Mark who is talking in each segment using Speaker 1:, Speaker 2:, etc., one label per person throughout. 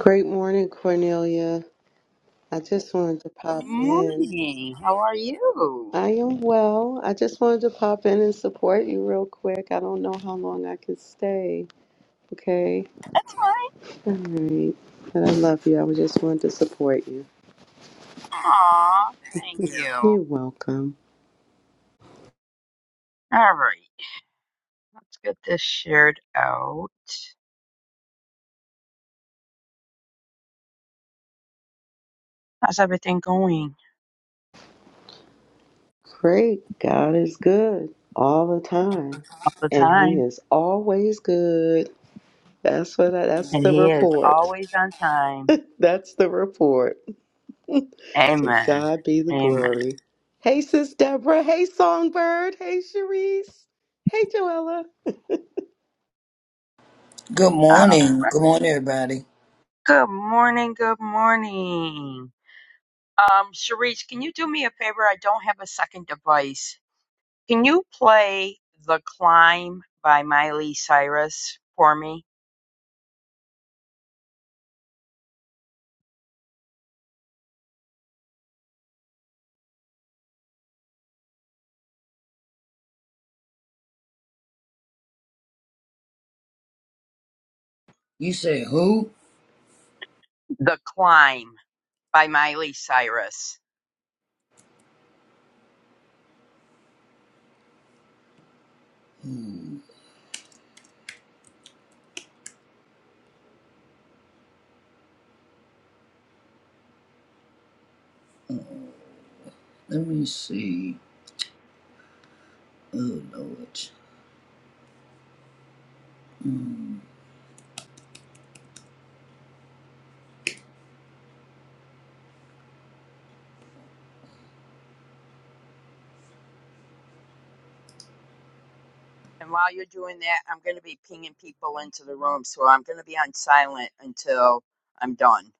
Speaker 1: Great morning, Cornelia. I just wanted to pop in.
Speaker 2: Morning. How are you?
Speaker 1: I am well. I just wanted to pop in and support you real quick. I don't know how long I can stay. Okay.
Speaker 2: That's fine.
Speaker 1: All right. But I love you. I was just wanted to support you.
Speaker 2: Aw, thank you. All
Speaker 1: You're welcome.
Speaker 2: right. Let's get this shared out. How's everything going?
Speaker 1: Great. God is good all the time.
Speaker 2: All the
Speaker 1: And he
Speaker 2: time.
Speaker 1: is always good. That's what I, that's
Speaker 2: And
Speaker 1: the
Speaker 2: he is
Speaker 1: report.
Speaker 2: always on time.
Speaker 1: That's the report. To
Speaker 2: Amen.
Speaker 1: God be the
Speaker 2: Amen.
Speaker 1: glory. Hey, Sis Deborah. Hey, Songbird. Hey, Sharice. Hey, Joella.
Speaker 3: Good
Speaker 2: Um,
Speaker 3: morning. Good morning, everybody.
Speaker 2: good morning. Good morning. Um, Sharice, can you do me a favor? I don't have a second device. Can you play The Climb by Miley Cyrus for me?
Speaker 3: You said who?
Speaker 2: The Climb. by Miley Cyrus.
Speaker 3: Let me see. Oh, Lord.
Speaker 2: And while you're doing that, I'm going to be pinging people into the room, so I'm going to be on silent until I'm done.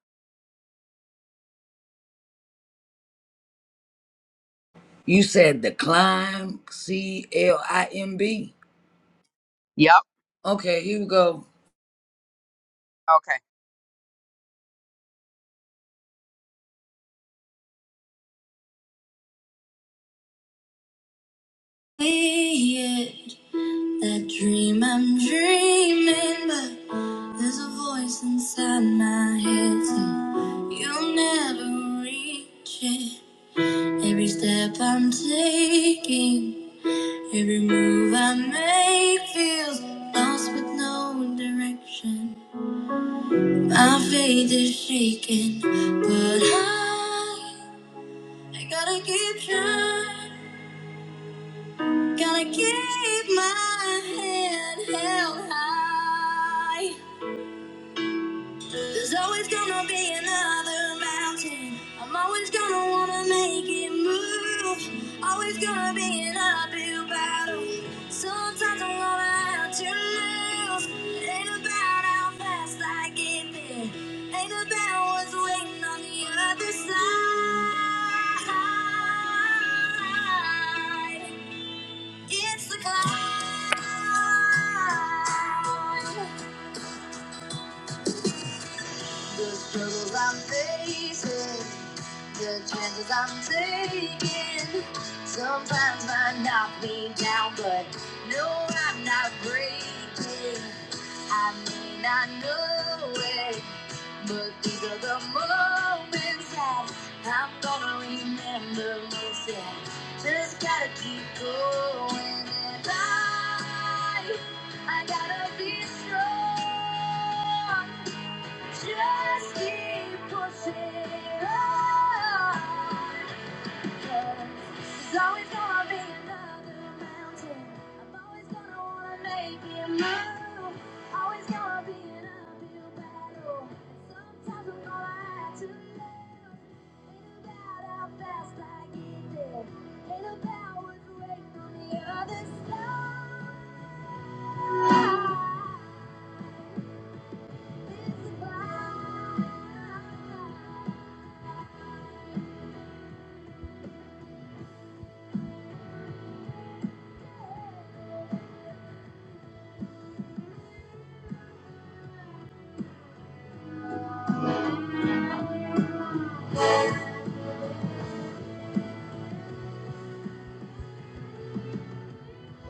Speaker 3: You said the climb, C L I M B.
Speaker 2: Yep.
Speaker 3: Okay, here we go.
Speaker 2: Okay.
Speaker 3: Hey, yeah, That dream I'm dreaming, but there's a voice inside my head saying you'll never reach it. Every step I'm taking. Every move I make feels lost with no direction. My faith is shaking, but I, I gotta keep trying. Gotta keep my head held high. There's always gonna be another mountain. I'm always gonna wanna make it move. Always gonna be an uphill battle. Sometimes I'm gonna have to lose. It ain't about how fast I get there. Ain't about what's waiting on the other side. It's the climb. The struggles I'm facing, the chances I'm taking, sometimes might knock me down, but no, I'm not breaking. I may not know it, but these are the moments that I'm gonna remember most. Yeah, just gotta keep going, and I, I gotta be strong. Just keep pushing on. 'cause There's always gonna be another mountain. I'm always gonna wanna make it move. Always gonna be an uphill battle. Sometimes I'm gonna have to lose. Ain't about how fast I get there. Ain't about what's waiting on the other side. It's about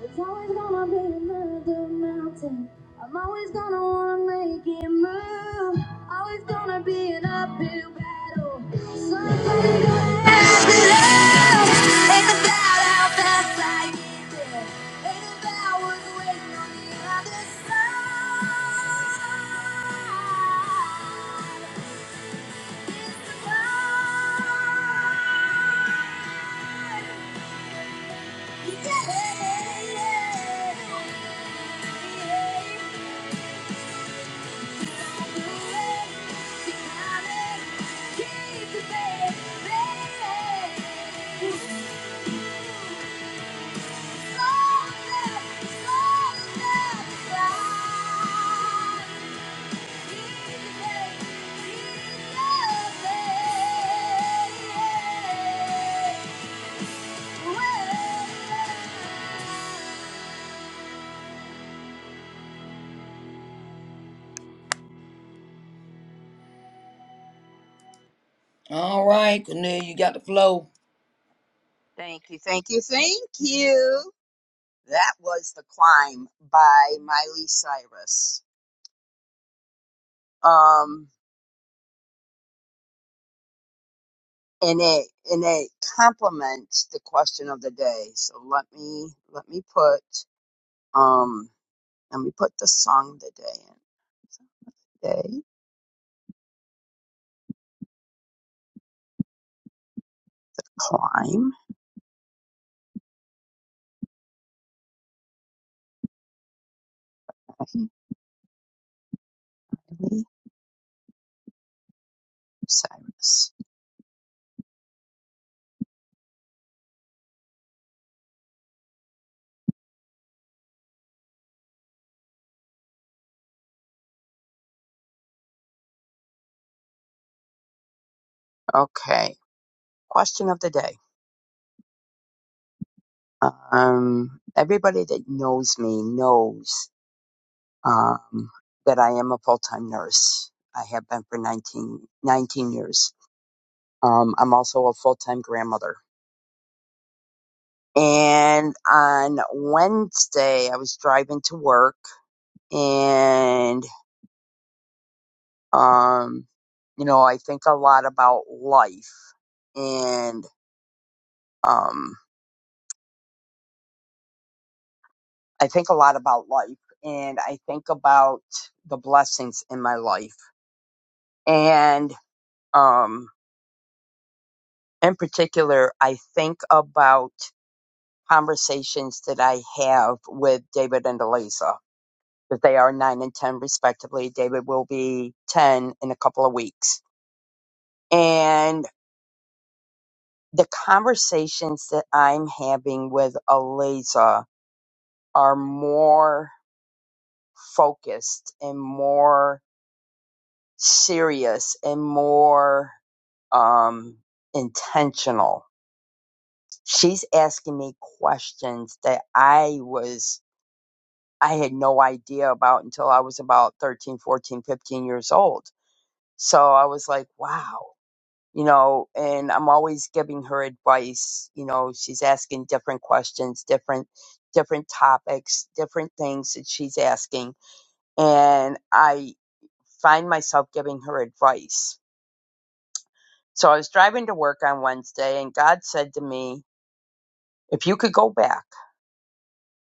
Speaker 3: It's always gonna be another mountain. I'm always gonna wanna make it move. Always gonna be an uphill battle. Somebody gonna have to love. Ain't about how fast I get there. Ain't about what's waiting on the other side. It's the time. All right, Cornelia, you got the flow.
Speaker 2: Thank you. Thank you. Thank you. That was the climb by Miley Cyrus. Um, and it and it complements the question of the day. So let me let me put um let me put the song of the day in. Day climb by Miley Cyrus. Okay. Question of the day. Um, everybody that knows me knows um, that I am a full time nurse. I have been for 19 19 years. Um, I'm also a full time grandmother. And on Wednesday, I was driving to work and, um, you know, I think a lot about life. And, um, I think a lot about life and I think about the blessings in my life. And um, in particular, I think about conversations that I have with David and Eliza, that they are nine and 10 respectively. David will be 10 in a couple of weeks. And the conversations that I'm having with Eliza are more focused and more serious and more um, intentional. She's asking me questions that I was, I had no idea about until I was about 13, 14, 15 years old. So I was like, wow, you know, and I'm always giving her advice. You know, she's asking different questions, different, different topics, different things that she's asking. And I find myself giving her advice. So I was driving to work on Wednesday and God said to me, If you could go back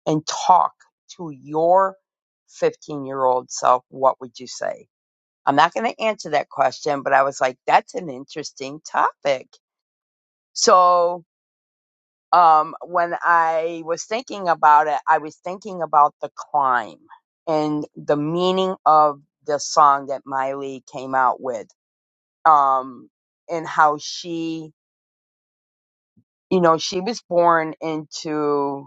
Speaker 2: and talk to your 15 year old self, what would you say? I'm not going to answer that question, but I was like, that's an interesting topic. So, um, when I was thinking about it, I was thinking about the climb and the meaning of the song that Miley came out with, um, and how she, you know, she was born into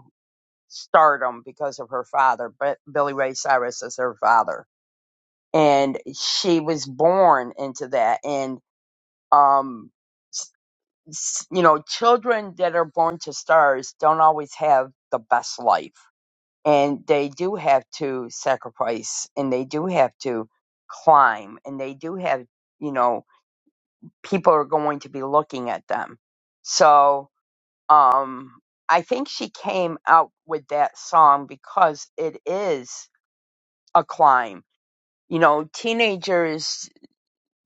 Speaker 2: stardom because of her father, but Billy Ray Cyrus is her father. And she was born into that. And, um, s- s- you know, children that are born to stars don't always have the best life. And they do have to sacrifice and they do have to climb and they do have, you know, people are going to be looking at them. So, um, I think she came out with that song because it is a climb. You know, teenagers,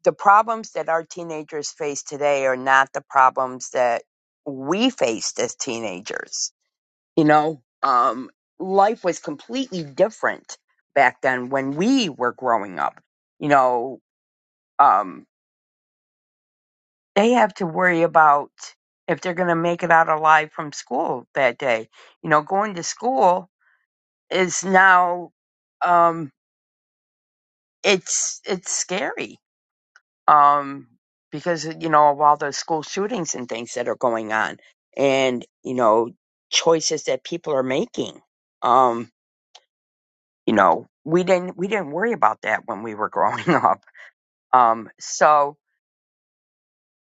Speaker 2: the problems that our teenagers face today are not the problems that we faced as teenagers. You know, um, life was completely different back then when we were growing up. You know, um, they have to worry about if they're going to make it out alive from school that day. You know, going to school is now, um, it's, it's scary um, because you know of all the school shootings and things that are going on, and you know choices that people are making. Um, you know, we didn't we didn't worry about that when we were growing up. Um, so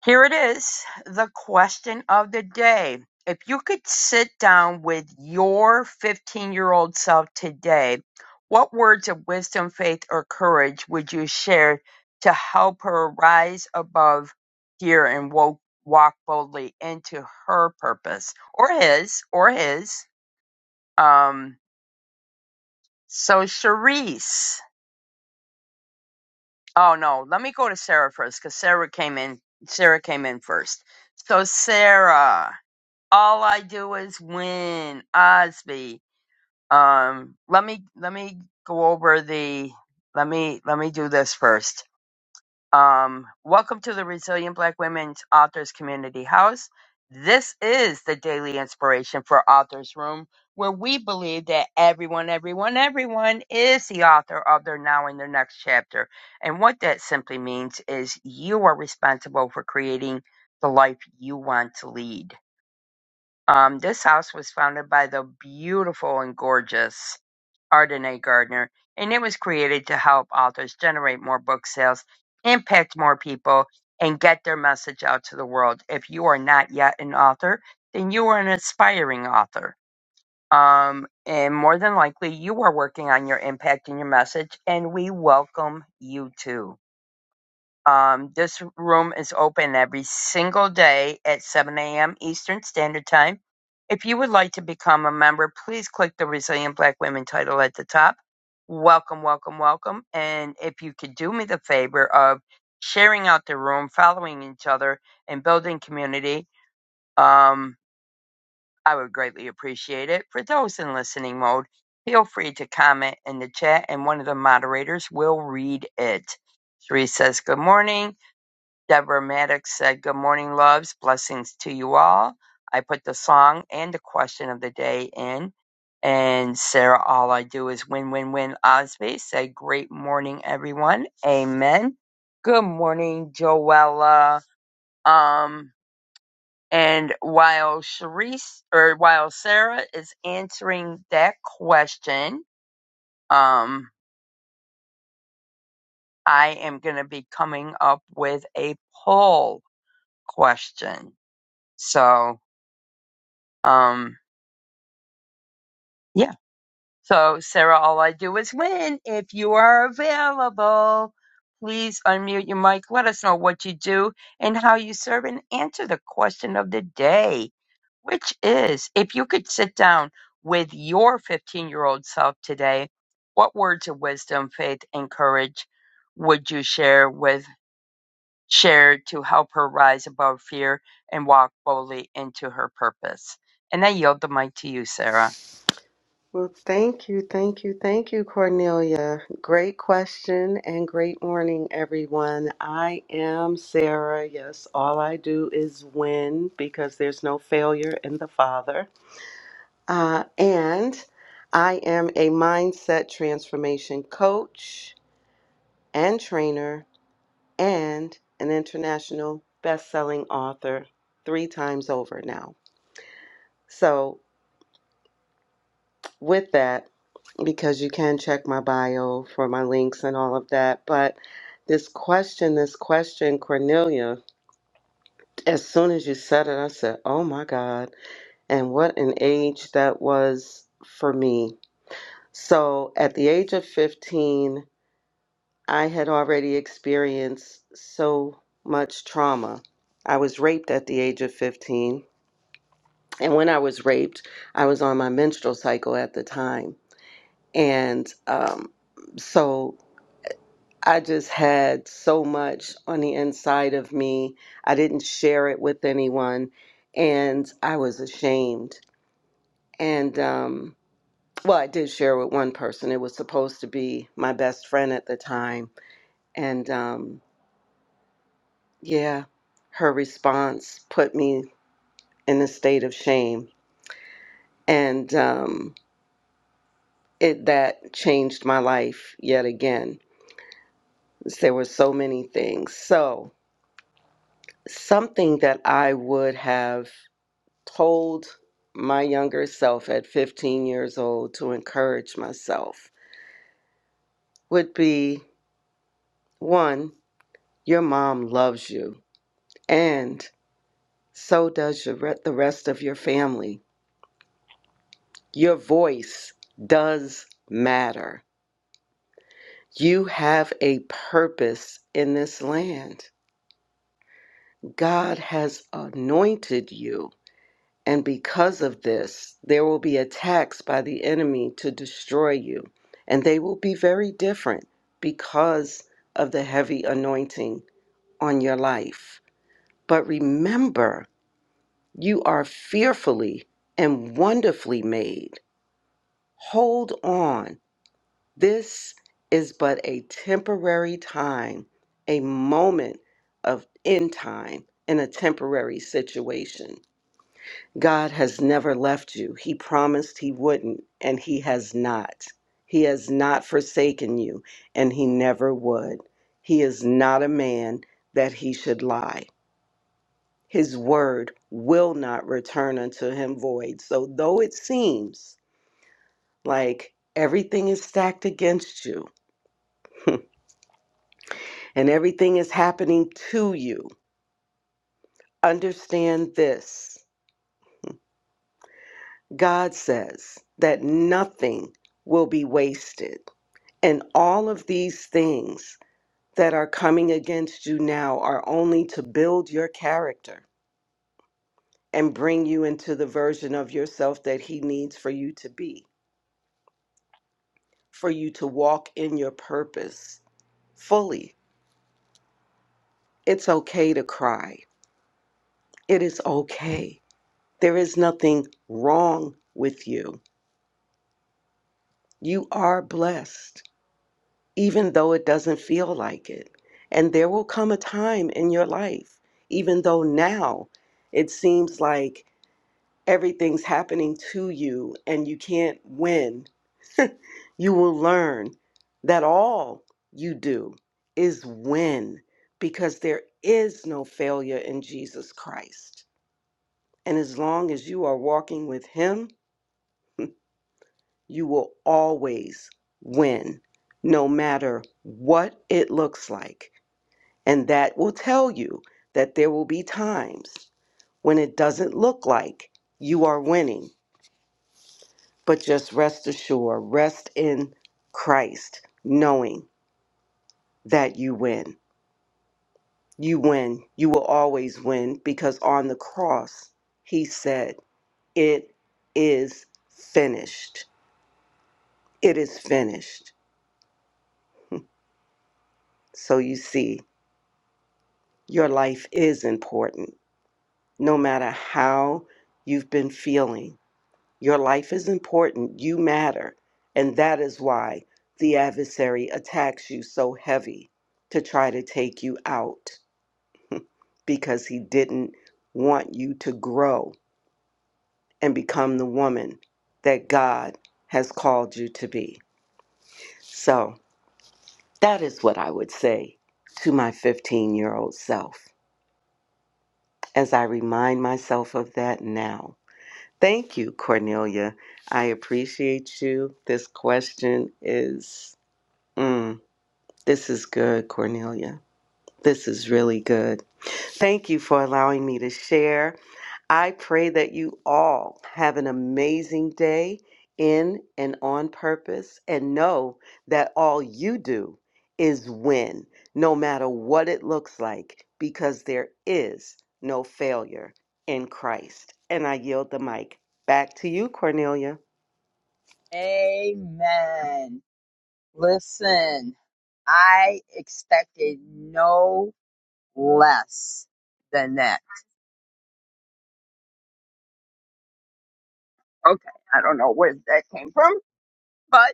Speaker 2: here it is, the question of the day. If you could sit down with your 15 year old self today, what words of wisdom, faith, or courage would you share to help her rise above fear and wo- walk boldly into her purpose or his or his? Um, so Charisse. Oh no, let me go to Sarah first because Sarah came in. Sarah came in first. So Sarah. all I do is win, Osby. Um, let me let me go over the let me let me do this first. Um, welcome to the Resilient Black Women's Authors Community House. This is the daily inspiration for Authors Room, where we believe that everyone, everyone, everyone is the author of their now and their next chapter. And what that simply means is you are responsible for creating the life you want to lead um, this house was founded by the beautiful and gorgeous Ardenae Gardner, and it was created to help authors generate more book sales, impact more people, and get their message out to the world. If you are not yet an author, then you are an aspiring author. Um, and more than likely, you are working on your impact and your message, and we welcome you too. Um, this room is open every single day at 7 a.m. Eastern Standard Time. If you would like to become a member, please click the Resilient Black Women title at the top. Welcome, welcome, welcome. And if you could do me the favor of sharing out the room, following each other, and building community, um, I would greatly appreciate it. For those in listening mode, feel free to comment in the chat, and one of the moderators will read it. Therese says, Good morning. Deborah Maddox said, Good morning, loves. Blessings to you all. I put the song and the question of the day in. And Sarah, all I do is win, win, win. Osby said, Great morning, everyone. Amen. Good morning, Joella. Um, and while Sharice or while Sarah is answering that question, um, I am going to be coming up with a poll question. So, um, Yeah. So, Sarah, all I do is win. If you are available, please unmute your mic. Let us know what you do and how you serve and answer the question of the day, which is if you could sit down with your 15 year old self today, what words of wisdom, faith, and courage would you share with share to help her rise above fear and walk boldly into her purpose? And I yield the mic to you, Sarah.
Speaker 1: Well, thank you, thank you, thank you, Cornelia. Great question and great morning, everyone. I am Sarah. Yes, all I do is win because there's no failure in the Father. Uh, and I am a mindset transformation coach and trainer and an international best-selling author three times over now. So, with that, because you can check my bio for my links and all of that, but this question, this question, Cornelia, as soon as you said it, I said, "Oh my God!" And what an age that was for me. So, at the age of 15, I had already experienced so much trauma. I was raped at the age of 15 And when I was raped, I was on my menstrual cycle at the time. And um, so I just had so much on the inside of me. I didn't share it with anyone. And I was ashamed. And um, well, I did share with one person. It was supposed to be my best friend at the time. And um, yeah, her response put me in a state of shame. And um, it that changed my life yet again. There were so many things. So, something that I would have told my younger self at 15 years old to encourage myself would be one, your mom loves you, and so does your re- the rest of your family. Your voice does matter. You have a purpose in this land. God has anointed you And because of this, there will be attacks by the enemy to destroy you. And they will be very different because of the heavy anointing on your life. But remember, you are fearfully and wonderfully made. Hold on. This is but a temporary time, a moment of end time in a temporary situation. God has never left you. He promised He wouldn't, and He has not. He has not forsaken you, and He never would. He is not a man that He should lie. His word will not return unto Him void. So, though it seems like everything is stacked against you and everything is happening to you, understand this God says that nothing will be wasted. And all of these things that are coming against you now are only to build your character and bring you into the version of yourself that He needs for you to be, for you to walk in your purpose fully. It's okay to cry. It is okay. There is nothing wrong with you. You are blessed, even though it doesn't feel like it. And there will come a time in your life, even though now it seems like everything's happening to you and you can't win. You will learn that all you do is win because there is no failure in Jesus Christ. And as long as you are walking with Him, you will always win, no matter what it looks like. And that will tell you that there will be times when it doesn't look like you are winning but just rest assured, rest in Christ, knowing that you win. You win. You will always win because on the cross, he said, It is finished. It is finished. So you see, your life is important. No matter how you've been feeling, your life is important. You matter. And that is why the adversary attacks you so heavy to try to take you out because he didn't want you to grow and become the woman that God has called you to be. So that is what I would say to my 15 year old self as I remind myself of that now. Thank you, Cornelia. I appreciate you. This question is, mm, this is good, Cornelia. This is really good. Thank you for allowing me to share. I pray that you all have an amazing day in and on purpose and know that all you do is win, no matter what it looks like, because there is no failure in Christ. And I yield the mic back to you, Cornelia.
Speaker 2: Amen. Listen, I expected no less than that. Okay, I don't know where that came from, but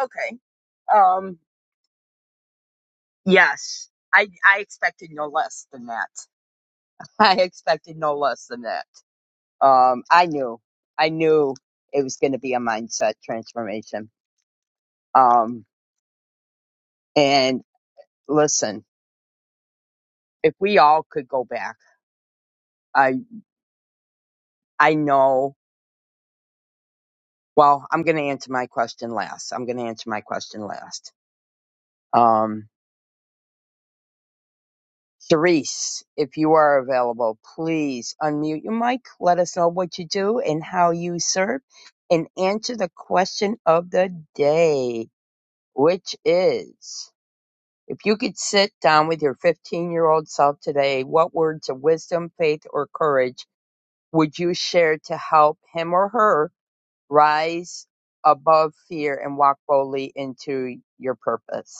Speaker 2: okay. Um, yes, I I expected no less than that. I expected no less than that. Um, I knew, I knew it was going to be a mindset transformation. Um, and listen, if we all could go back, I I know Well, I'm going to answer my question last. I'm going to answer my question last. Um, Therese, if you are available, please unmute your mic. Let us know what you do and how you serve and answer the question of the day, which is if you could sit down with your 15 year old self today, what words of wisdom, faith, or courage would you share to help him or her rise above fear and walk boldly into your purpose?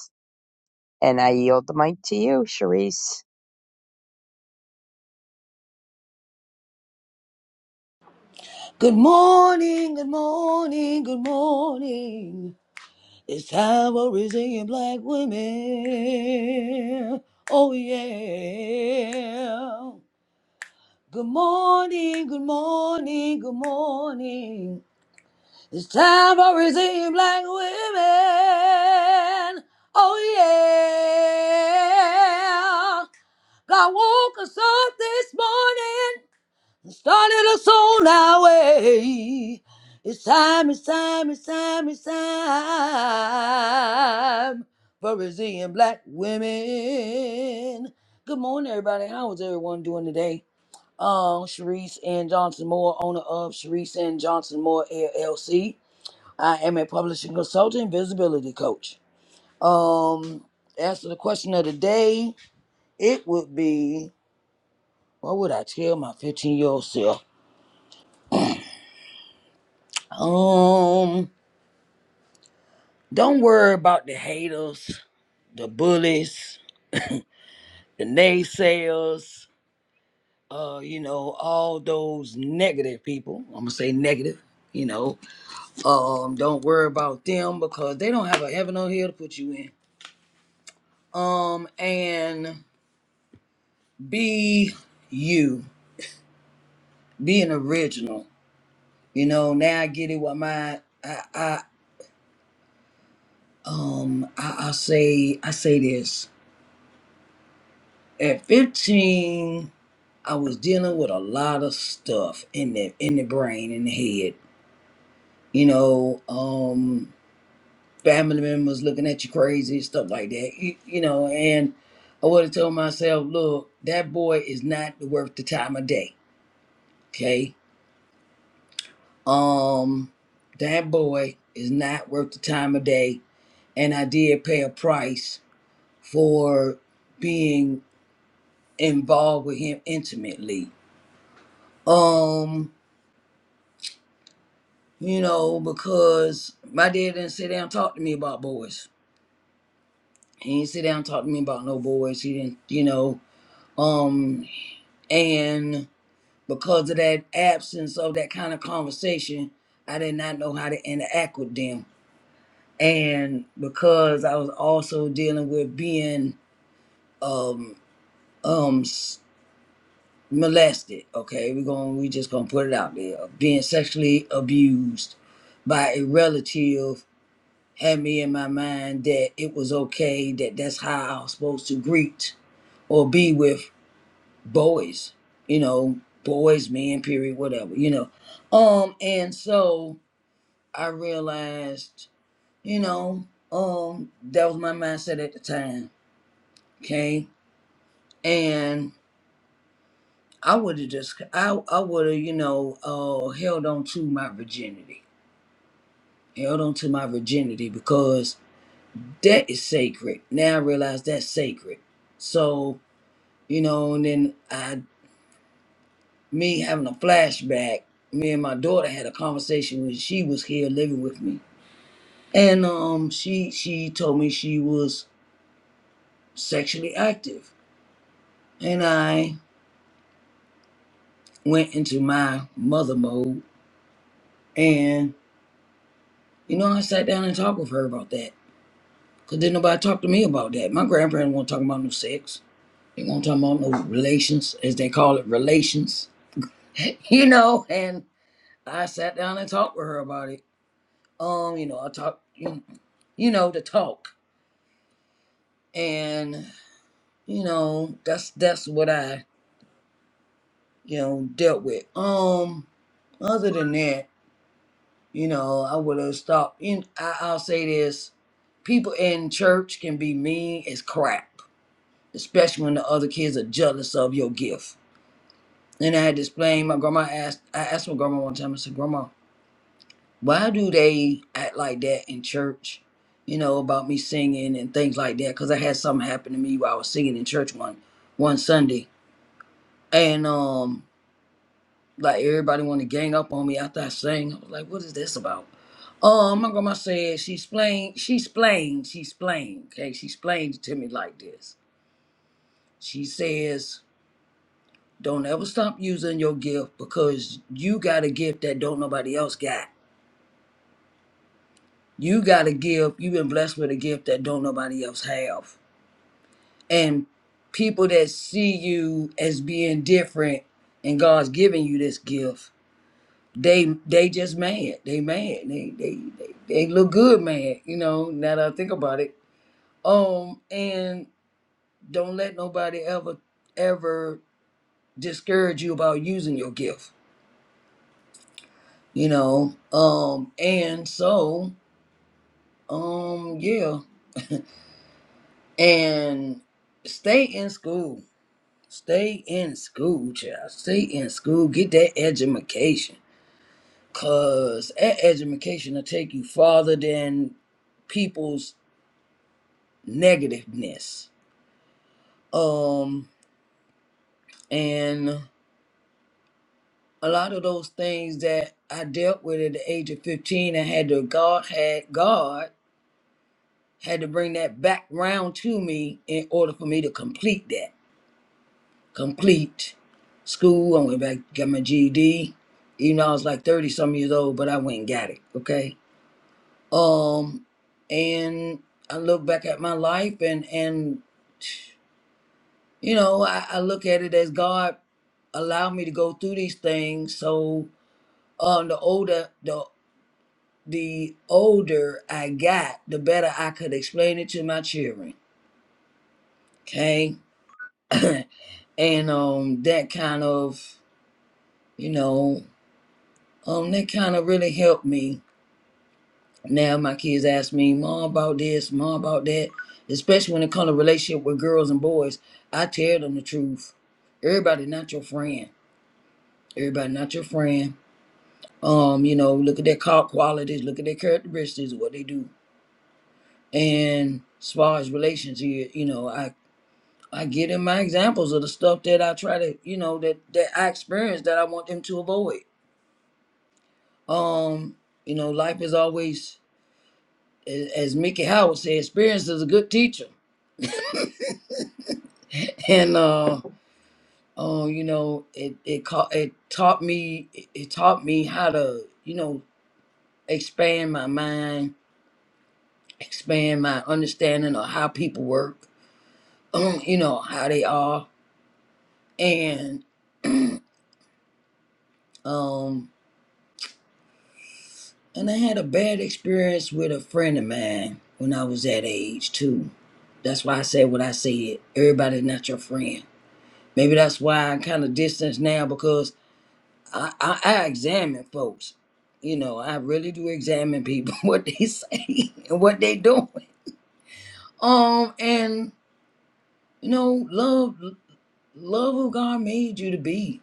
Speaker 2: And I yield the mic to you, Sharice.
Speaker 3: Good morning, good morning, good morning. It's time for raising black women. Oh, yeah. Good morning, good morning, good morning. It's time for raising black women. Oh, yeah. God woke us up this morning started us on our way. It's time, it's time, it's time, it's time for Brazilian black women. Good morning, everybody. How is everyone doing today? Um, Sharice and Johnson Moore, owner of Sharice and Johnson Moore LLC. I am a publishing consultant, visibility coach. Um, as for the question of the day, it would be what would I tell my 15 year old self? Um, Don't worry about the haters, the bullies, the naysayers, uh, you know, all those negative people. I'm gonna say negative, you know. Um, don't worry about them because they don't have a heaven or hell to put you in. Um, and be you, be an original. You know, now I get it what my I, I um I, I say I say this. At 15 I was dealing with a lot of stuff in the in the brain, in the head. You know, um, family members looking at you crazy, stuff like that. You, you know, and I would have told myself, look, that boy is not worth the time of day. Okay, um, that boy is not worth the time of day, and I did pay a price for being involved with him intimately. Um, you know, because my dad didn't sit down and talk to me about boys. He didn't sit down and talk to me about no boys. He didn't, you know, um, and because of that absence of that kind of conversation, I did not know how to interact with them. And because I was also dealing with being um um s- molested, okay, we're going we just gonna put it out there, being sexually abused by a relative had me in my mind that it was okay that that's how I was supposed to greet or be with boys, you know, boys, men, period, whatever, you know. Um, and so I realized, you know, um, that was my mindset at the time. Okay. And I would have just, I, I would have, you know, uh, held on to my virginity, held on to my virginity because that is sacred. Now I realize that's sacred. So you know, and then I, me having a flashback, me and my daughter had a conversation when she was here living with me, and um, she she told me she was sexually active, and I went into my mother mode, and you know, I sat down and talked with her about that, cause didn't nobody talk to me about that. My grandparents won't talk about no sex. They won't talk about no relations, as they call it, relations. You know, and I sat down and talked with her about it um, you know, I talked. you know, to talk. And, you know, that's that's what I, you know, dealt with. Um, other than that, you know, I would have stopped in I, I'll say this. People in church can be mean as crap, especially when the other kids are jealous of your gift. And I had to explain my grandma asked I asked my grandma one time, I said, Grandma, why do they act like that in church? You know, about me singing and things like that, because I had something happen to me while I was singing in church one one Sunday and um like everybody want to gang up on me after I sang. I was like, what is this about? Oh, my grandma said she explained, she explained, she explained. Okay, she explained it to me like this. She says, "Don't ever stop using your gift because you got a gift that don't nobody else got. You got a gift. You've been blessed with a gift that don't nobody else have. And people that see you as being different, and God's giving you this gift." they they just mad. They mad. They they they, they look good mad, you know, now that I think about it. Um and don't let nobody ever ever discourage you about using your gift, you know. Um and so um yeah. And stay in school. Stay in school, child. Stay in school. Get that education. Cause that education will take you farther than people's negativeness. Um, and a lot of those things that I dealt with at the age of 15 I had to God had God had to bring that back round to me in order for me to complete that. Complete school. I went back, got my GED. Even though I was like 30 some years old, but I went and got it. Okay. Um and I look back at my life and and you know, I, I look at it as God allowed me to go through these things. So um the older the the older I got, the better I could explain it to my children. Okay. and um that kind of, you know, um that kind of really helped me. Now my kids ask me, Mom about this, Mom about that. Especially when it comes to relationship with girls and boys. I tell them the truth. Everybody not your friend. Everybody not your friend Um, you know, look at their car qualities, look at their characteristics, what they do. And as far as relations here, you know, I I give them my examples of the stuff that I try to, you know, that that I experience that I want them to avoid. Um, you know, life is always, a- as Mickey Howard said, experience is a good teacher. And uh, uh, you know, it it ca- it taught me it it taught me how to, you know, expand my mind, expand my understanding of how people work um, you know how they are, and um, and I had a bad experience with a friend of mine when I was that age too. That's why I said what I said. Everybody's not your friend. Maybe that's why I am kind of distance now because I, I, I examine folks. You know, I really do examine people what they say and what they doing. Um, and you know, love, love who God made you to be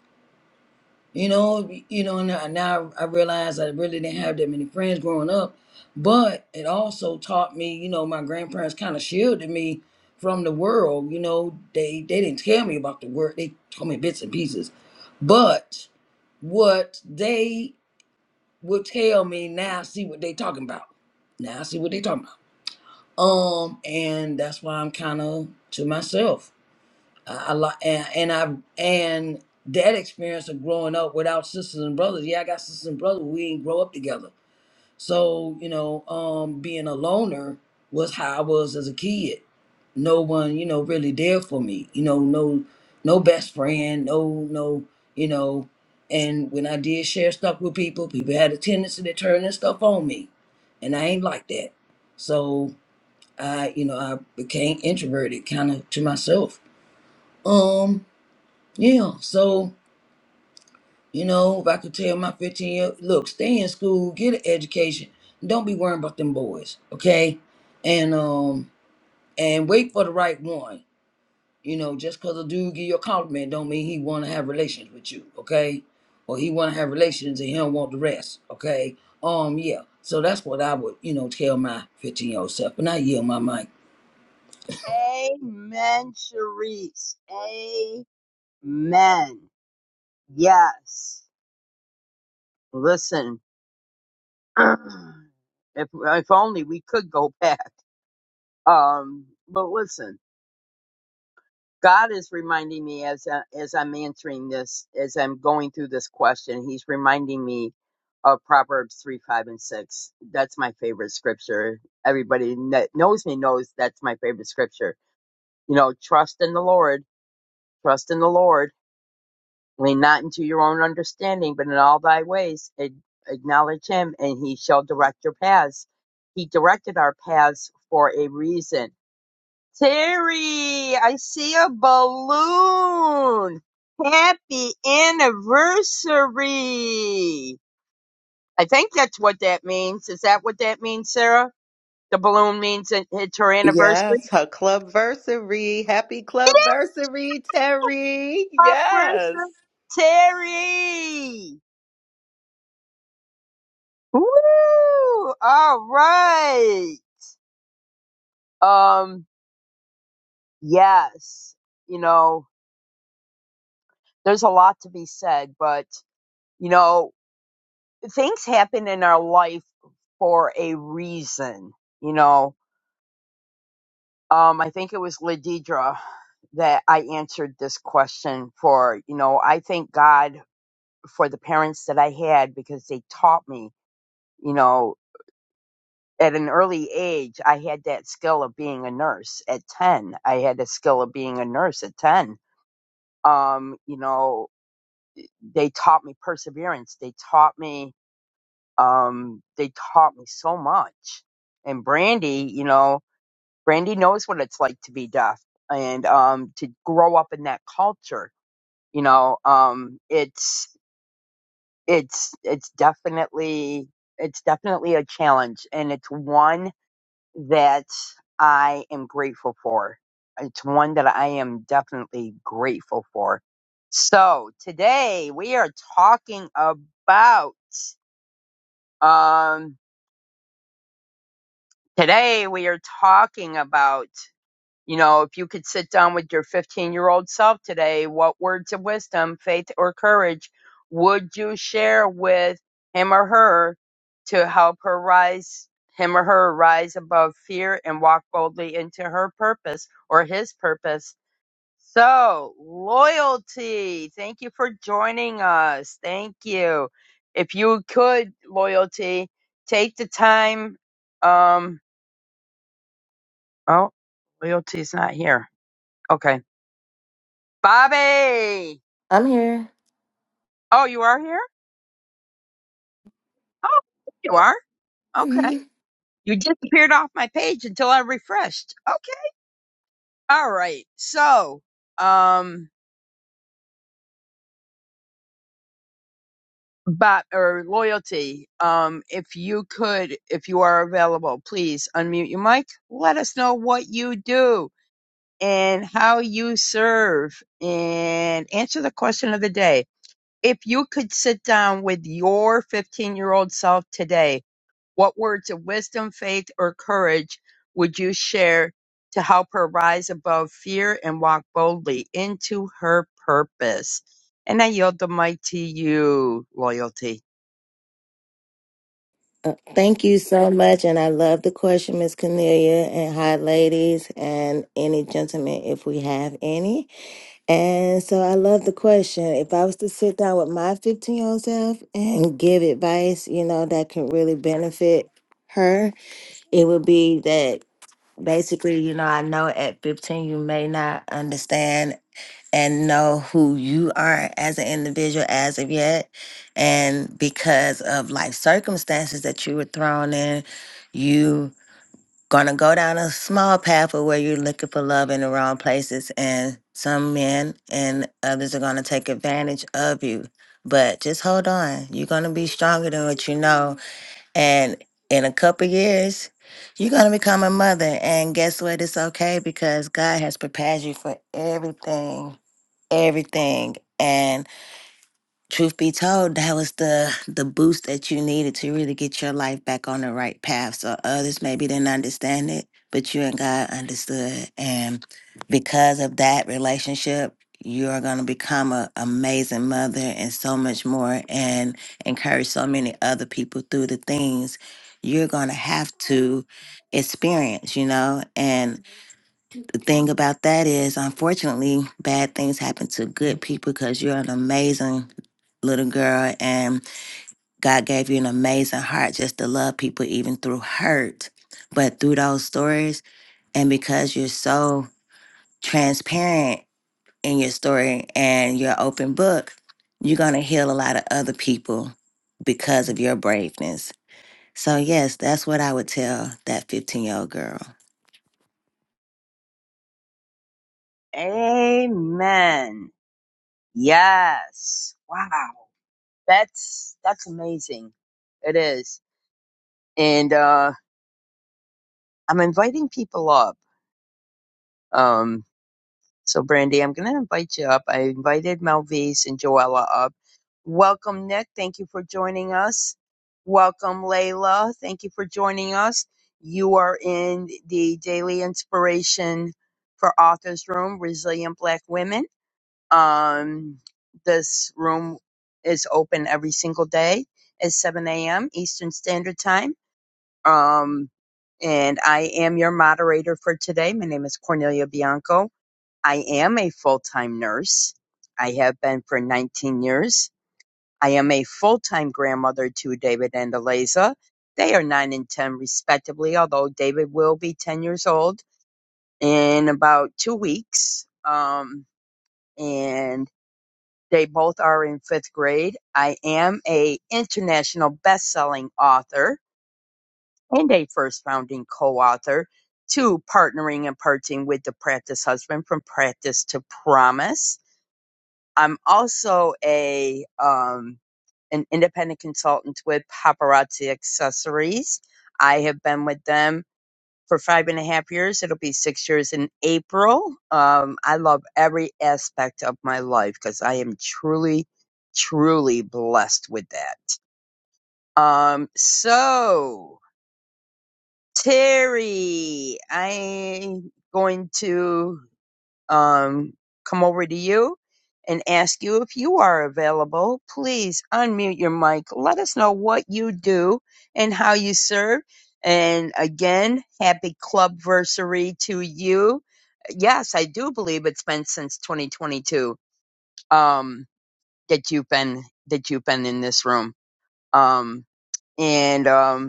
Speaker 3: You know, you know, and now now I realize I really didn't have that many friends growing up, but it also taught me, you know, my grandparents kind of shielded me from the world. You know, they they didn't tell me about the world; they told me bits and pieces. But what they would tell me now, I see what they talking about. Now I see what they talking about. Um, and that's why I'm kind of to myself I, I like and, and I and that experience of growing up without sisters and brothers. Yeah, I got sisters and brothers. We didn't grow up together, so you know, um, being a loner was how I was as a kid. No one, you know, really there for me. You know, no, no best friend. No, no, you know. And when I did share stuff with people, people had a tendency to turn this stuff on me, and I ain't like that. So I, you know, I became introverted, kind of to myself. Um, yeah. So, you know, if I could tell my 15 year look, stay in school, get an education. Don't be worrying about them boys, okay? And um and wait for the right one. You know, just cause a dude give you a compliment don't mean he wanna have relations with you, okay? Or he wanna have relations and he don't want the rest, okay? Um, yeah. So that's what I would, you know, tell my 15 year old self. And I yield my mic.
Speaker 2: Amen, Sharice. Amen. Yes. Listen, if if only we could go back. Um, but listen, God is reminding me as I, as I'm answering this, as I'm going through this question, He's reminding me of Proverbs three, five, and six. That's my favorite scripture. Everybody that knows me knows that's my favorite scripture. You know, trust in the Lord Trust in the Lord. Lean not into your own understanding, but in all thy ways a- acknowledge him, and he shall direct your paths. He directed our paths for a reason. Terry, I see a balloon. Happy anniversary. I think that's what that means. Is that what that means, Sarah? The balloon means it, it's her anniversary.
Speaker 1: Yes, her clubversary. Happy clubversary, Terry. Yes.
Speaker 2: Anniversary, Terry. Woo! All right. Um, yes. You know, there's a lot to be said, but you know, things happen in our life for a reason. You know, um, I think it was Ladidra that I answered this question for. You know, I thank God for the parents that I had because they taught me. You know, at an early age, I had that skill of being a nurse at 10. I had the skill of being a nurse at 10. Um, you know, they taught me perseverance. They taught me, um, they taught me so much. And Brandy, you know, Brandy knows what it's like to be deaf and, um, to grow up in that culture. You know, um, it's, it's, it's definitely, it's definitely a challenge and it's one that I am grateful for. It's one that I am definitely grateful for. So today we are talking about um today we are talking about You know, if you could sit down with your 15 year old self today, what words of wisdom, faith, or courage would you share with him or her to help her rise, him or her rise above fear and walk boldly into her purpose or his purpose? So, loyalty, thank you for joining us. Thank you. If you could, loyalty, take the time. Um, oh, loyalty's not here. Okay Bobby.
Speaker 4: I'm here.
Speaker 2: Oh, you are here? Oh, you are. Okay.
Speaker 4: Mhm.
Speaker 2: You disappeared off my page until I refreshed. Okay. All right. So, um, Bob or loyalty. Um, if you could, if you are available, please unmute your mic. Let us know what you do and how you serve and answer the question of the day. If you could sit down with your 15 year old self today, What words of wisdom, faith, or courage would you share to help her rise above fear and walk boldly into her purpose? And I yield the mic to you, loyalty.
Speaker 4: Uh, Thank you so much. And I love the question, Miss Cornelia. And hi, ladies, and any gentlemen, if we have any. And so I love the question. If I was to sit down with my 15 year old self and give advice, you know, that can really benefit her, it would be that basically, you know, I know at 15 you may not understand and know who you are as an individual as of yet. And because of life circumstances that you were thrown in, you gonna go down a small path of where you're looking for love in the wrong places and some men and others are gonna take advantage of you. But just hold on. You're gonna be stronger than what you know. And in a couple years, you're gonna become a mother. And guess what? It's okay because God has prepared you for everything everything. And truth be told, that was the the boost that you needed to really get your life back on the right path. So others maybe didn't understand it, but you and God understood. And because of that relationship, you are going to become an amazing mother and so much more and encourage so many other people through the things you're going to have to experience, you know? And thing about that is, unfortunately, bad things happen to good people because you're an amazing little girl and God gave you an amazing heart just to love people, even through hurt. But through those stories, and because you're so transparent in your story and your open book, you're going to heal a lot of other people because of your braveness. So, yes, that's what I would tell that 15 year old girl.
Speaker 2: Amen. Yes. Wow. That's that's amazing. It is. And uh I'm inviting people up. Um So, Brandy, I'm going to invite you up. I invited Malvise and Joella up. Welcome, Nick. Thank you for joining us. Welcome, Layla. Thank you for joining us. You are in the Daily Inspiration for Authors Room, Resilient Black Women. Um, this room is open every single day at 7 a.m. Eastern Standard Time. Um, and I am your moderator for today. My name is Cornelia Bianco I am a full-time nurse. I have been for 19 years. I am a full-time grandmother to David and Eliza. They are 9 and 10 respectively, although David will be 10 years old in about 2 weeks. Um and they both are in 5th grade. I am a international best-selling author and a first founding co-author to partnering and parting with the practice husband from practice to promise I'm also a um, an independent consultant with Paparazzi Accessories. I have been with them for five and a half years. It'll be six years in April. Um, I love every aspect of my life because I am truly, truly blessed with that. Um, so Terry, I'm going to um, come over to you and ask you if you are available. Please unmute your mic. Let us know what you do and how you serve. And again, happy clubversary to you. Yes, I do believe it's been since 2022 um, that you've been that you've been in this room. Um, and um,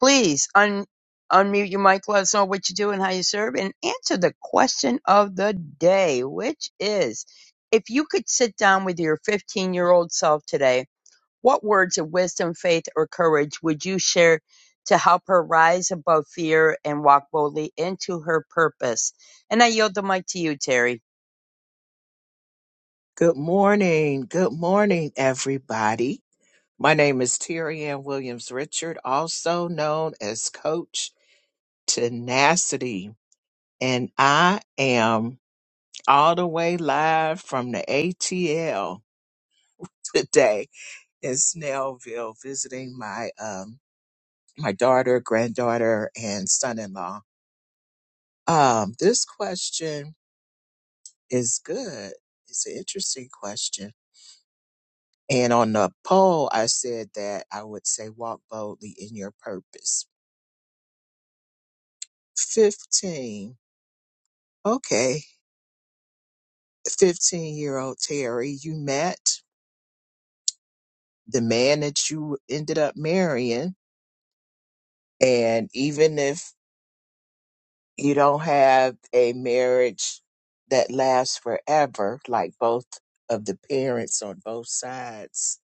Speaker 2: Please un- unmute your mic. Let us know what you do and how you serve, and answer the question of the day, which is if you could sit down with your 15 year old self today, what words of wisdom, faith, or courage would you share to help her rise above fear and walk boldly into her purpose? And I yield the mic to you, Terry.
Speaker 5: Good morning. Good morning, everybody. My name is Terry Ann Williams Richard, also known as Coach Tenacity. And I am all the way live from the ATL today in Snellville, visiting my um my daughter, granddaughter, and son-in-law. Um, this question is good. It's an interesting question And on the poll, I said that I would say walk boldly in your purpose. 15. Okay. 15 year old Terry, you met the man that you ended up marrying. And even if you don't have a marriage that lasts forever, like both of the parents on both sides,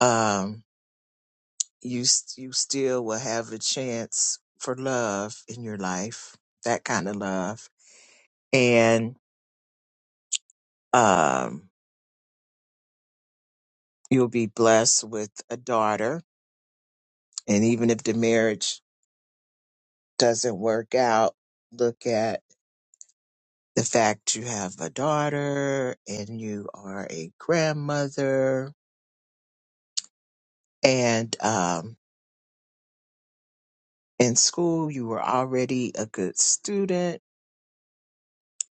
Speaker 5: um, you, s- you still will have a chance for love in your life, that kind of love and um, you'll be blessed with a daughter. And even if the marriage doesn't work out, look at the fact you have a daughter and you are a grandmother. And um, in school, you were already a good student.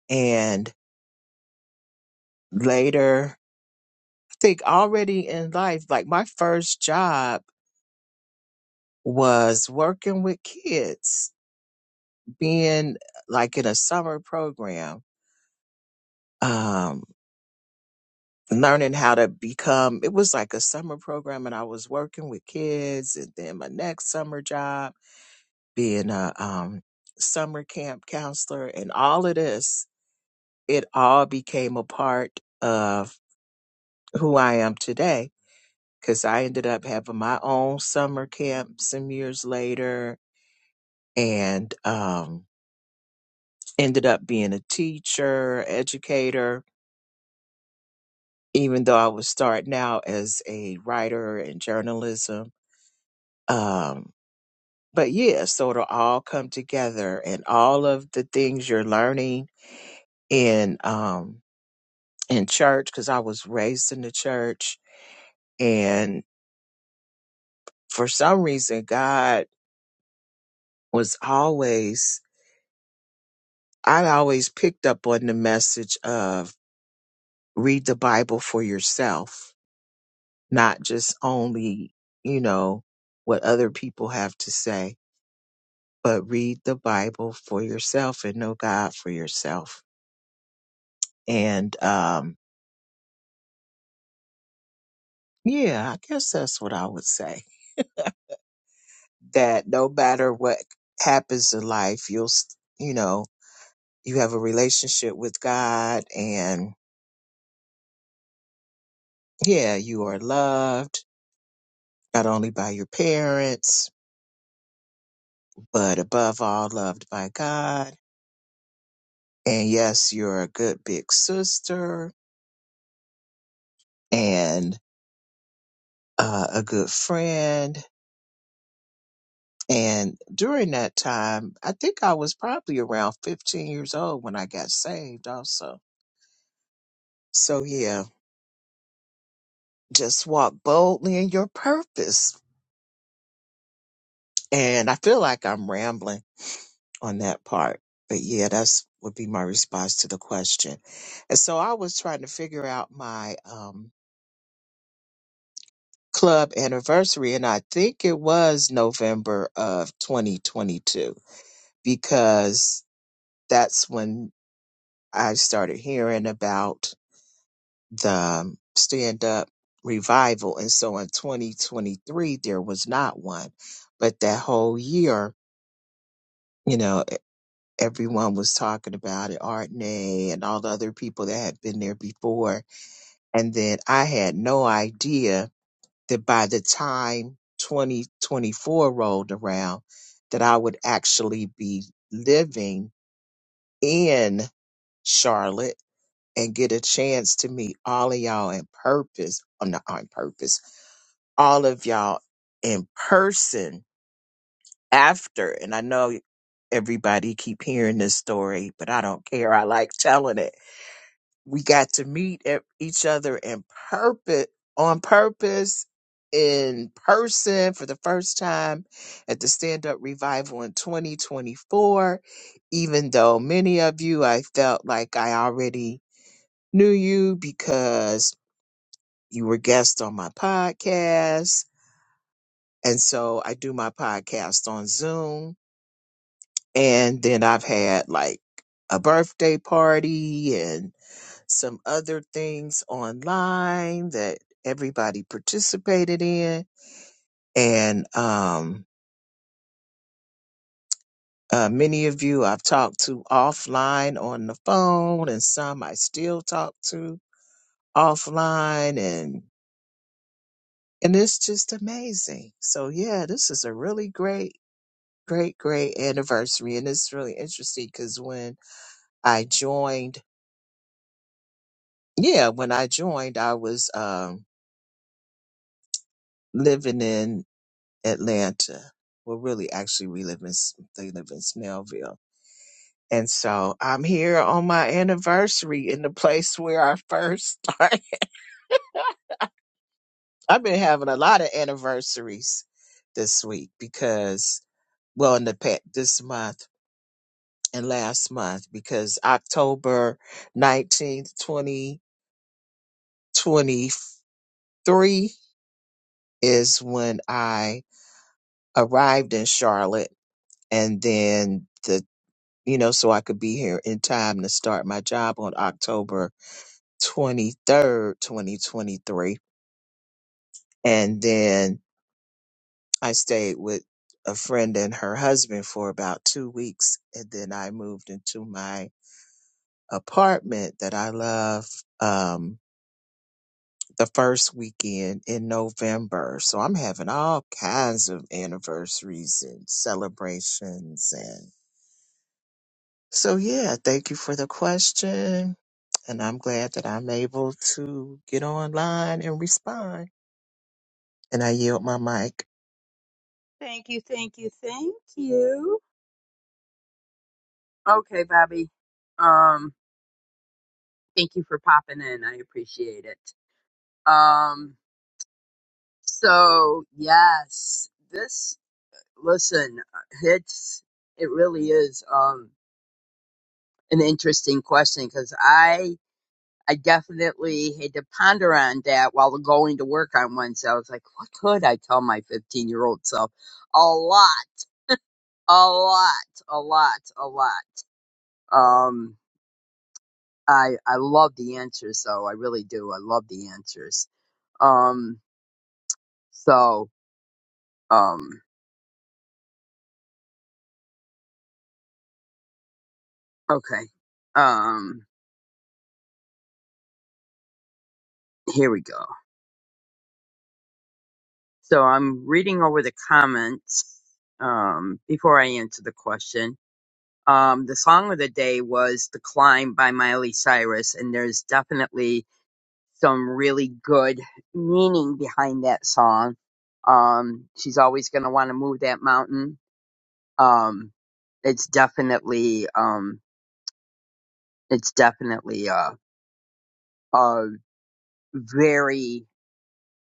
Speaker 5: And later, I think already in life, like my first job was working with kids, being like in a summer program um, learning how to become it was like a summer program and i was working with kids and then my next summer job being a um, summer camp counselor and all of this it all became a part of who i am today because i ended up having my own summer camp some years later and um, ended up being a teacher educator even though i was starting out as a writer in journalism Um, but yeah, so it'll all come together and all of the things you're learning in um in church, because I was raised in the church and for some reason God was always I always picked up on the message of read the Bible for yourself, not just only, you know, what other people have to say, but read the Bible for yourself and know God for yourself. And um Yeah, I guess that's what I would say. That no matter what happens in life, you'll, s- you know, you have a relationship with God and yeah, you are loved not only by your parents, but above all, loved by God. And yes, you're a good big sister and uh, a good friend. And during that time, I think I was probably around 15 years old when I got saved also. So yeah, just walk boldly in your purpose. And I feel like I'm rambling on that part, but yeah, that's would be my response to the question. And so I was trying to figure out my um, club anniversary, and I think it was November of 2022 because that's when I started hearing about the stand up revival. And so in 2023, there was not one, but that whole year. you know. everyone was talking about it, Artney and all the other people that had been there before. And then I had no idea that by the time 2024 rolled around, that I would actually be living in Charlotte and get a chance to meet all of y'all in purpose, i not on purpose, all of y'all in person after. And I know everybody keep hearing this story, but I don't care. I like telling it we got to meet e- each other in purpose on purpose in person for the first time at the stand up revival in 2024 even though many of you I felt like I already knew you because you were guests on my podcast and so I do my podcast on Zoom and then I've had like a birthday party and. some other things online that everybody participated in. And um, uh, many of you I've talked to offline on the phone, and some I still talk to offline. And, and it's just amazing. So, yeah, this is a really great, great, great anniversary. And it's really interesting because when I joined, yeah, when I joined, I was um, living in Atlanta. Well, really, actually, we live in S- they live in Smellville, and so I'm here on my anniversary in the place where I first started. I've been having a lot of anniversaries this week because, well, in the past, this month and last month because October nineteenth, twenty twenty three is when I arrived in Charlotte, and then the you know, so I could be here in time to start my job on October 23rd, 2023. And then I stayed with a friend and her husband for about two weeks. And then I moved into my apartment that I love um, the first weekend in November. So I'm having all kinds of anniversaries and celebrations So, yeah, thank you for the question. And I'm glad that I'm able to get online and respond. And I yield my mic.
Speaker 2: Thank you, thank you, thank you. Okay, Bobby. Um, thank you for popping in. I appreciate it. Um, So yes, this listen, it's it really is um an interesting question because I I definitely had to ponder on that while going to work on Wednesday. I was like, what could I tell my 15 year old self? A lot, a lot, a lot, a lot. Um, I I love the answers though. I really do. I love the answers. Um, so um, okay. Um, here we go. So I'm reading over the comments um, before I answer the question. Um, the song of the day was The Climb by Miley Cyrus, and there's definitely some really good meaning behind that song. Um, she's always going to want to move that mountain. Um, it's definitely, um, it's definitely a, a very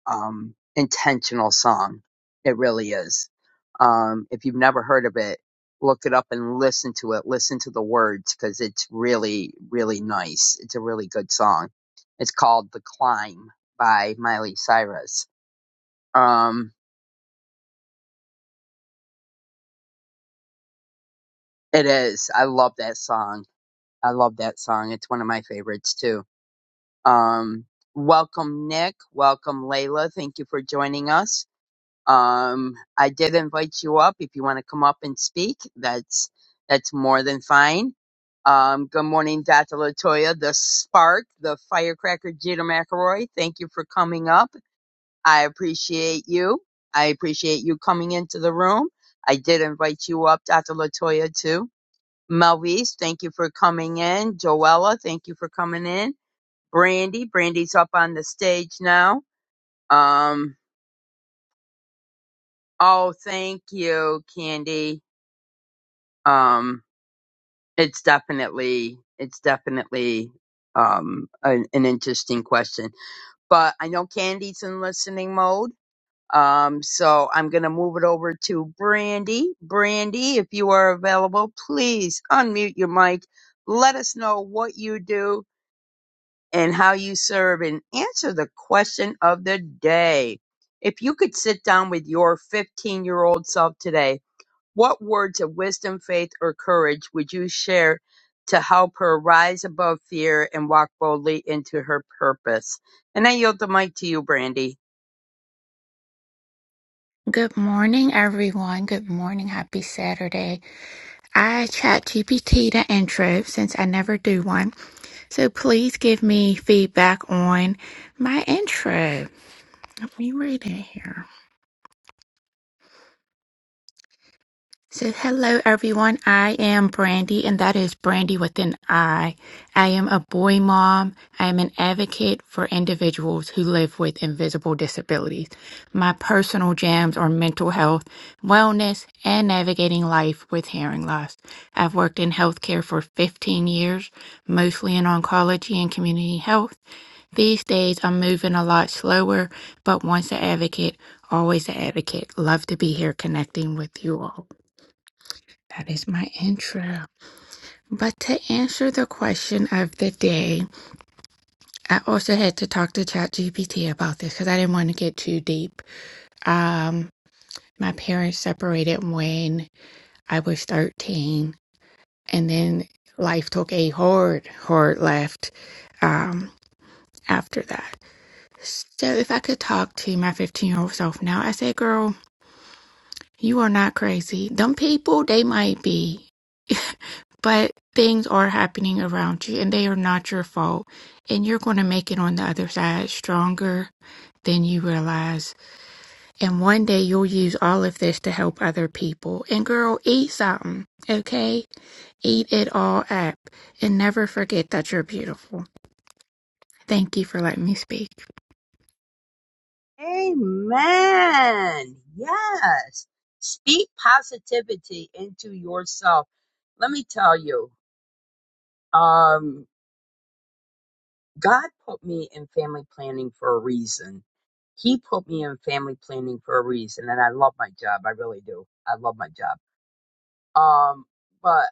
Speaker 2: um, intentional song. It really is. Um, if you've never heard of it, look it up and listen to it. Listen to the words because it's really, really nice. It's a really good song. It's called The Climb by Miley Cyrus. Um, it is. I love that song. I love that song. It's one of my favorites too. Um, welcome, Nick. Welcome, Layla. Thank you for joining us. Um, I did invite you up. If you want to come up and speak, that's that's more than fine. Um, good morning, Dr. Latoya, the spark, the firecracker, Jeter McElroy. Thank you for coming up. I appreciate you. I appreciate you coming into the room. I did invite you up, Dr. Latoya, too. Melvise, thank you for coming in. Joella, thank you for coming in. Brandy, Brandy's up on the stage now. Um, oh, thank you, Candy um it's definitely it's definitely um an, an interesting question but i know candy's in listening mode um so i'm gonna move it over to brandy brandy if you are available please unmute your mic let us know what you do and how you serve and answer the question of the day if you could sit down with your 15 year old self today what words of wisdom, faith, or courage would you share to help her rise above fear and walk boldly into her purpose? And I yield the mic to you, Brandy.
Speaker 6: Good morning, everyone. Good morning. Happy Saturday. I chat GPT the intro since I never do one. So please give me feedback on my intro. Let me read it So, hello everyone. I am Brandy, and that is Brandy with an I. I am a boy mom. I am an advocate for individuals who live with invisible disabilities. My personal jams are mental health, wellness, and navigating life with hearing loss. I've worked in healthcare for 15 years, mostly in oncology and community health. These days, I'm moving a lot slower, but once an advocate, always an advocate. Love to be here connecting with you all. That is my intro. But to answer the question of the day, I also had to talk to ChatGPT about this because I didn't want to get too deep. Um, my parents separated when I was 13, and then life took a hard, hard left um, after that. So if I could talk to my 15 year old self now, I say, girl, you are not crazy. Them people, they might be. but things are happening around you and they are not your fault and you're going to make it on the other side stronger than you realize and one day you'll use all of this to help other people and girl eat something okay eat it all up and never forget that you're beautiful thank you for letting me speak
Speaker 2: Amen. Yes. Speak positivity into yourself. Let me tell you, um, God put me in family planning for a reason. He put me in family planning for a reason, and I love my job. I really do. I love my job Um, but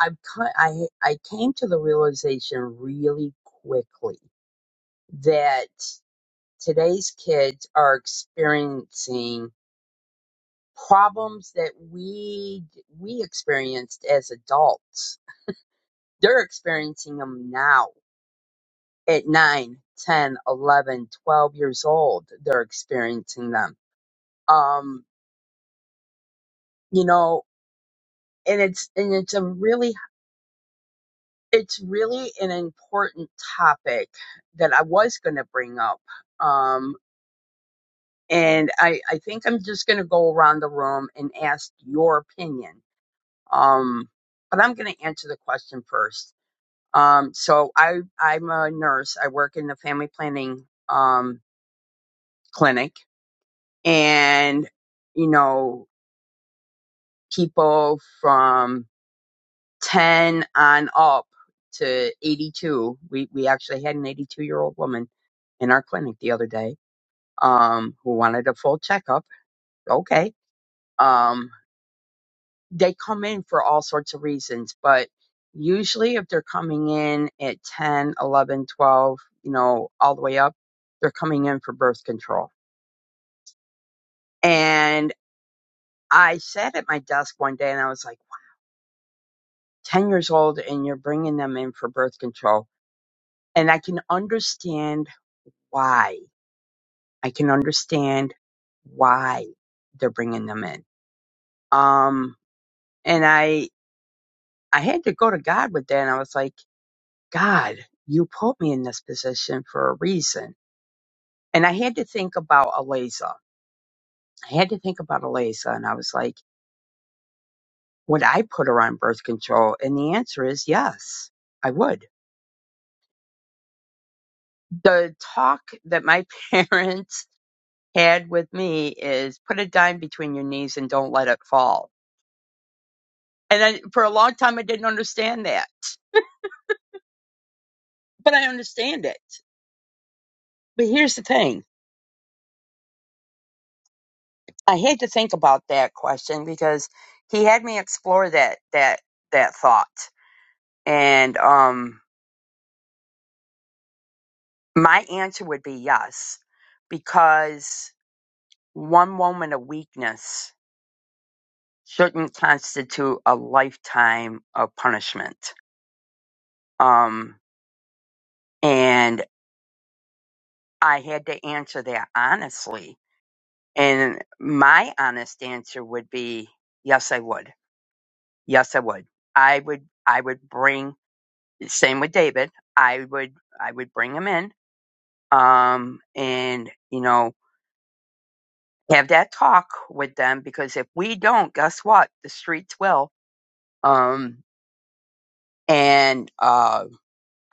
Speaker 2: i I I came to the realization really quickly that today's kids are experiencing problems that we we experienced as adults. They're experiencing them now at 9, 10, 11, 12 years old. They're experiencing them. Um, you know, and it's and it's a really It's really an important topic that I was going to bring up. Um, and I, I think I'm just going to go around the room and ask your opinion. Um, but I'm going to answer the question first. Um, so I, I'm a nurse. I work in the family planning, um, clinic and, you know, people from 10 on up to 82. We we actually had an 82 year old woman in our clinic the other day um who wanted a full checkup. Okay. Um they come in for all sorts of reasons, but usually if they're coming in at 10, 11, 12, you know, all the way up, they're coming in for birth control. And I sat at my desk one day and I was like, 10 years old and you're bringing them in for birth control. And I can understand why I can understand why they're bringing them in. Um, and I, I had to go to God with that. And I was like, God, you put me in this position for a reason. And I had to think about Aliza. I had to think about Aliza, And I was like, would I put her on birth control? And the answer is yes, I would. The talk that my parents had with me is put a dime between your knees and don't let it fall. And I, for a long time, I didn't understand that but I understand it. But here's the thing: I had to think about that question because he had me explore that that that thought, and um, my answer would be yes, because one moment of weakness shouldn't constitute a lifetime of punishment. Um, and I had to answer that honestly, and my honest answer would be yes, I would Yes, I would. I would. I would bring. Same with David. I would. I would bring him in. Um, and you know, have that talk with them because if we don't, guess what? The streets will. Um, and uh,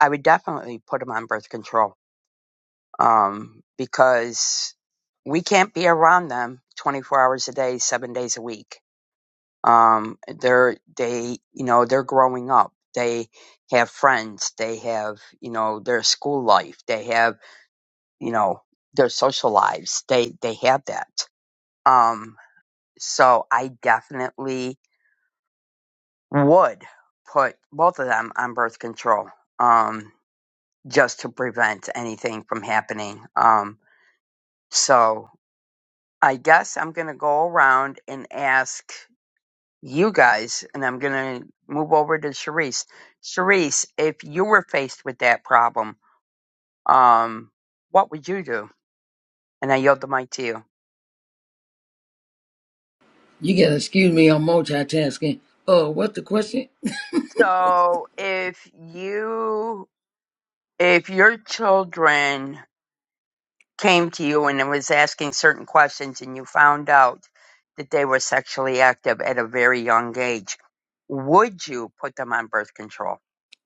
Speaker 2: I would definitely put them on birth control. Um, because we can't be around them 24 hours a day, seven days a week. um they're they you know they're growing up they have friends they have you know their school life they have you know their social lives they they have that um so i definitely would put both of them on birth control um just to prevent anything from happening um so i guess i'm going to go around and ask you guys, and I'm going to move over to Charisse. Charisse, if you were faced with that problem, um, what would you do? And I yield the mic to you.
Speaker 3: You gotta excuse me on multitasking. Uh, what's the question?
Speaker 2: So if you, if your children came to you and it was asking certain questions and you found out that they were sexually active at a very young age, would you put them on birth control?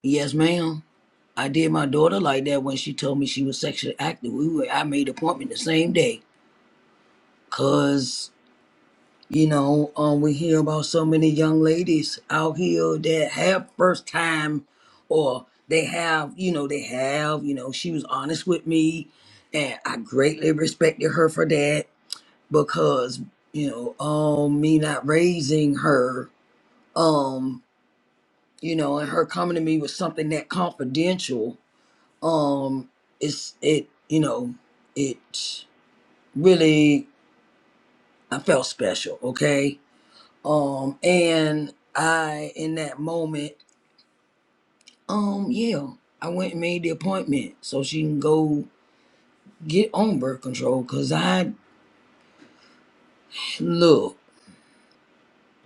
Speaker 3: Yes, ma'am. I did my daughter like that when she told me she was sexually active. We were, I made an appointment the same day, cause you know um, we hear about so many young ladies out here that have first time, or they have you know they have you know she was honest with me, and I greatly respected her for that because you know um me not raising her um you know and her coming to me with something that confidential um it's it you know it really i felt special okay um and i in that moment um yeah i went and made the appointment so she can go get on birth control because i look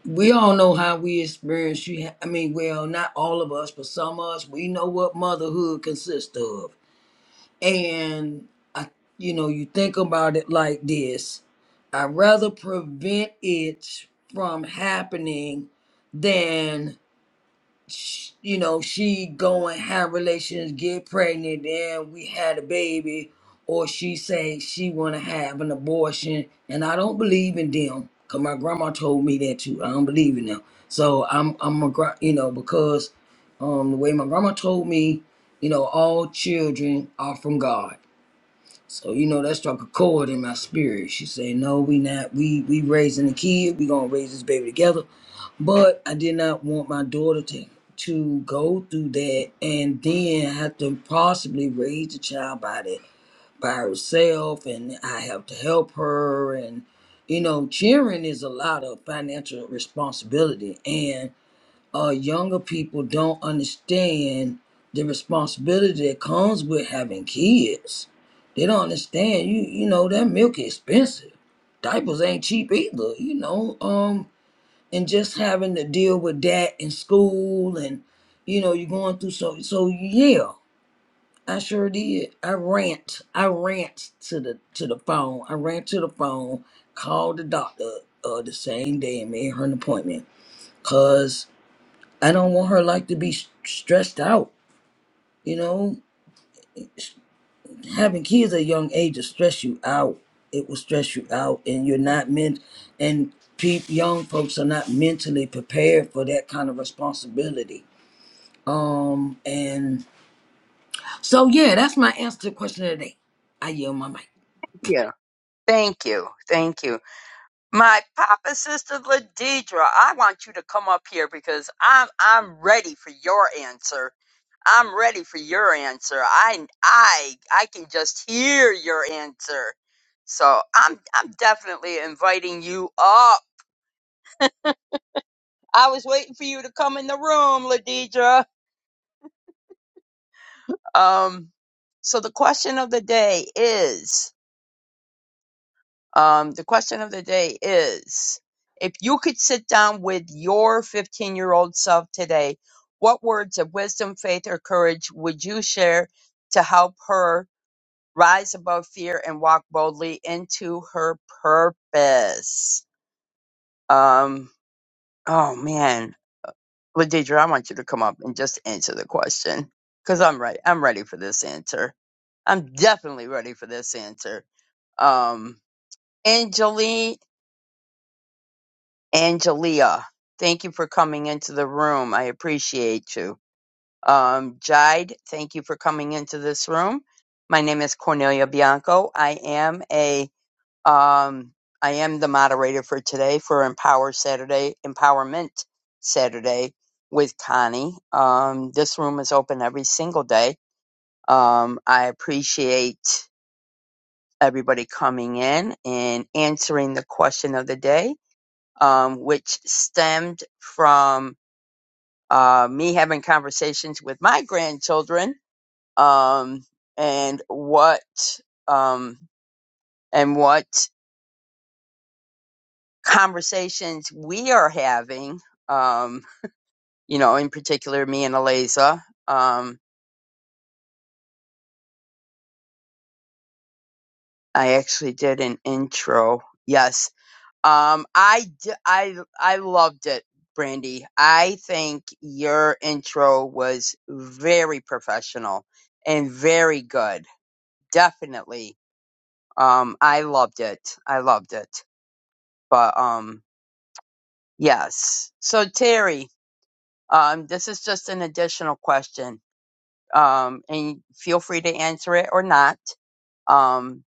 Speaker 3: we all know how we experience you ha- i mean well not all of us but some of us we know what motherhood consists of And I, you know, you think about it like this I'd rather prevent it from happening than, sh- you know, she go and have relations, get pregnant, and we had a baby, or she say she want to have an abortion. And I don't believe in them. Cause my grandma told me that too. I don't believe in them. So I'm, I'm a, gra- you know, because um, the way my grandma told me, you know, all children are from God so you know that struck a chord in my spirit. She said, "No, we not. We we raising a kid. We gonna raise this baby together." But I did not want my daughter to to go through that and then have to possibly raise the child by the by herself, and I have to help her. And you know, cheering is a lot of financial responsibility, and uh, younger people don't understand the responsibility that comes with having kids. They don't understand you. You know that milk is expensive. Diapers ain't cheap either. You know, um, and just having to deal with that in school, and you know you're going through so so yeah. I sure did. I rant. I rant to the to the phone. I ran to the phone, called the doctor uh, the same day and made her an appointment. I don't want her like to be s- stressed out. You know, having kids at a young age will stress you out. It will stress you out, and you're not meant. And pe- young folks are not mentally prepared for that kind of responsibility. Um, and so yeah, that's my answer to the question of the day. I yield my mic.
Speaker 2: Yeah. Thank you. Thank you. My papa sister Ladidra, I want you to come up here because I'm I'm ready for your answer. I'm ready for your answer. I I I can just hear your answer. So I'm I'm definitely inviting you up. I was waiting for you to come in the room, Ladidra. Um so the question of the day is Um, the question of the day is if you could sit down with your 15 year old self today, what words of wisdom, faith, or courage would you share to help her rise above fear and walk boldly into her purpose? Um, oh man, Ladidra, I want you to come up and just answer the question because I'm ready. I'm ready for this answer. I'm definitely ready for this answer. Um, Angeline, Angelia, thank you for coming into the room. I appreciate you. Um, Jide, thank you for coming into this room. My name is Cornelia Bianco. I am a um, I am the moderator for today for Empower Saturday, Empowerment Saturday with Connie. Um, this room is open every single day. Um, I appreciate everybody coming in and answering the question of the day um, which stemmed from uh, me having conversations with my grandchildren um, and what um, and what conversations we are having. Um, you know, in particular, me and Eliza. Um, I actually did an intro. Yes, um, I d- I I loved it. Brandy, I think your intro was very professional and very good definitely. Um, I loved it. I loved it. But um, yes. So Terry, um, this is just an additional question. Um, and feel free to answer it or not. Um,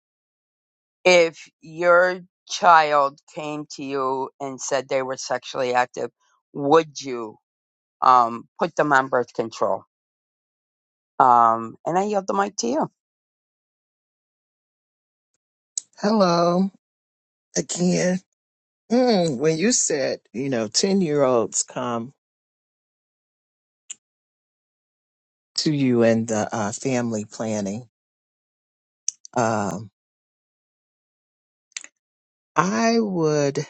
Speaker 2: if your child came to you and said they were sexually active, would you um put them on birth control? Um, and I yield the mic to you.
Speaker 5: Hello again. Mm, when you said, you know, 10 year olds come to you in the uh, family planning, um, I would,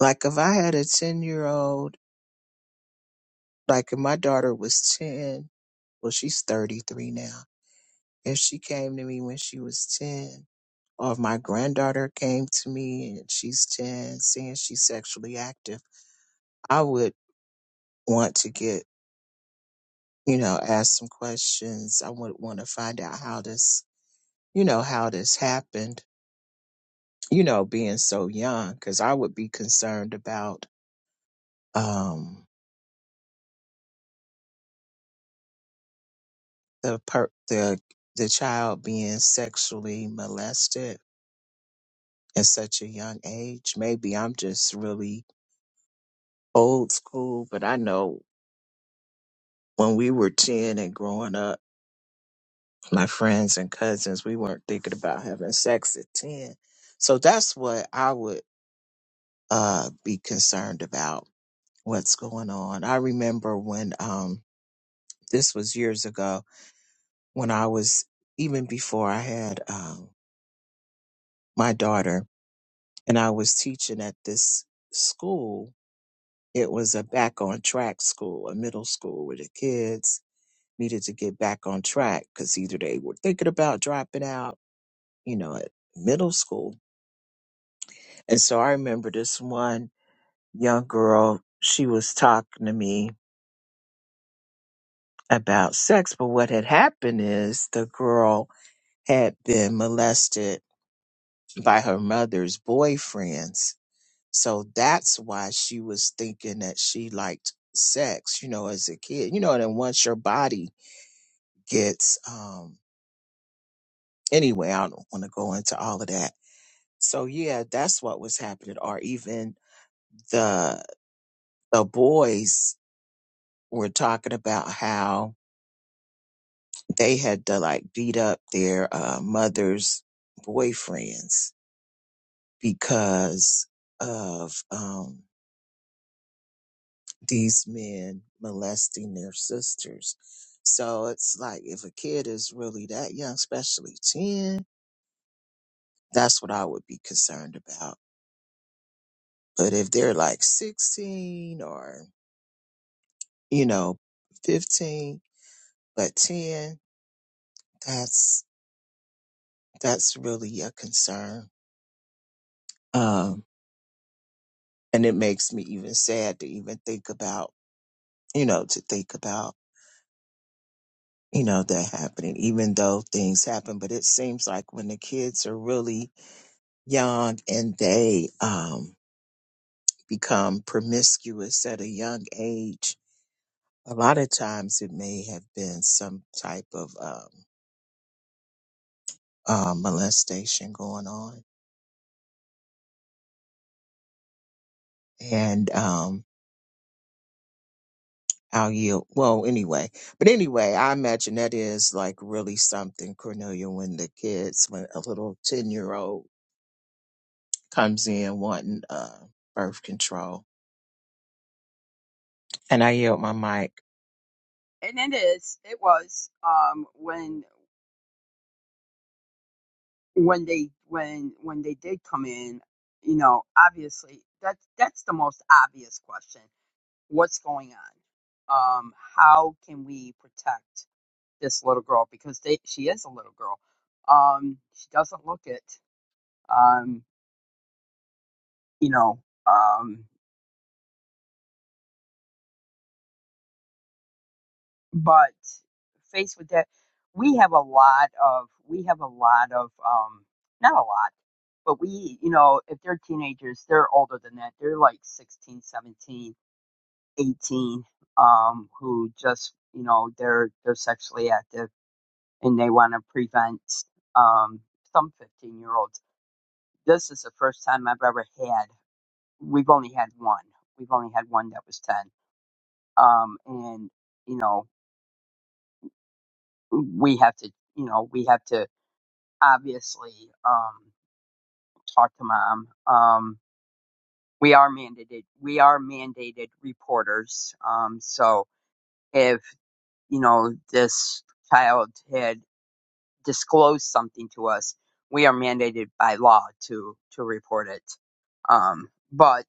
Speaker 5: like, if I had a 10 year old, like, if my daughter was 10, well, she's 33 now. and she came to me when she was 10 or if my granddaughter came to me and she's 10 saying she's sexually active i would want to get you know ask some questions i would want to find out how this you know how this happened you know being so young because i would be concerned about um the per the the child being sexually molested at such a young age maybe i'm just really old school but i know when we were 10 and growing up, my friends and cousins, we weren't thinking about having sex at 10. So that's what I would uh, be concerned about what's going on. I remember when um, this was years ago when I was, even before I had um, my daughter, and I was teaching at this school. It was a back on track school, a middle school where the kids needed to get back on track because either they were thinking about dropping out you know, at middle school. And so I remember this one young girl, she was talking to me about sex, but what had happened is the girl had been molested by her mother's boyfriends. So that's why she was thinking that she liked sex, you know, as a kid. You know, and then once your body gets um anyway, I don't want to go into all of that. So yeah, that's what was happening or even the the boys were talking about how they had to like beat up their uh, mother's boyfriends because of um, these men molesting their sisters. So it's like if a kid is really that young, especially 10, that's what I would be concerned about. But if they're like 16 or, you know, 15, but 10, that's, that's really a concern. Um, and it makes me even sad to even think about you know to think about you know that happening even though things happen but it seems like when the kids are really young and they um become promiscuous at a young age a lot of times it may have been some type of um, um molestation going on and um, I'll yield. Well, anyway, but anyway, I imagine that is like really something, Cornelia, when the kids, when a little 10 year old comes in wanting uh, birth control. And I yield my mic.
Speaker 2: And it is. It was um when when they when when they did come in, you know, obviously that's that's the most obvious question. What's going on? Um, how can we protect this little girl because they she is a little girl. Um, she doesn't look it. Um, you know, um, but faced with that, we have a lot of we have a lot of um, not a lot, but we you know if they're teenagers, they're older than that. They're like 16, 17. 18 um who just you know they're they're sexually active and they want to prevent um some 15 year olds this is the first time i've ever had we've only had one we've only had one that was 10 um and you know we have to you know we have to obviously um talk to mom um we are mandated we are mandated reporters um so if you know this child had disclose something to us, we are mandated by law to to report it. Um, but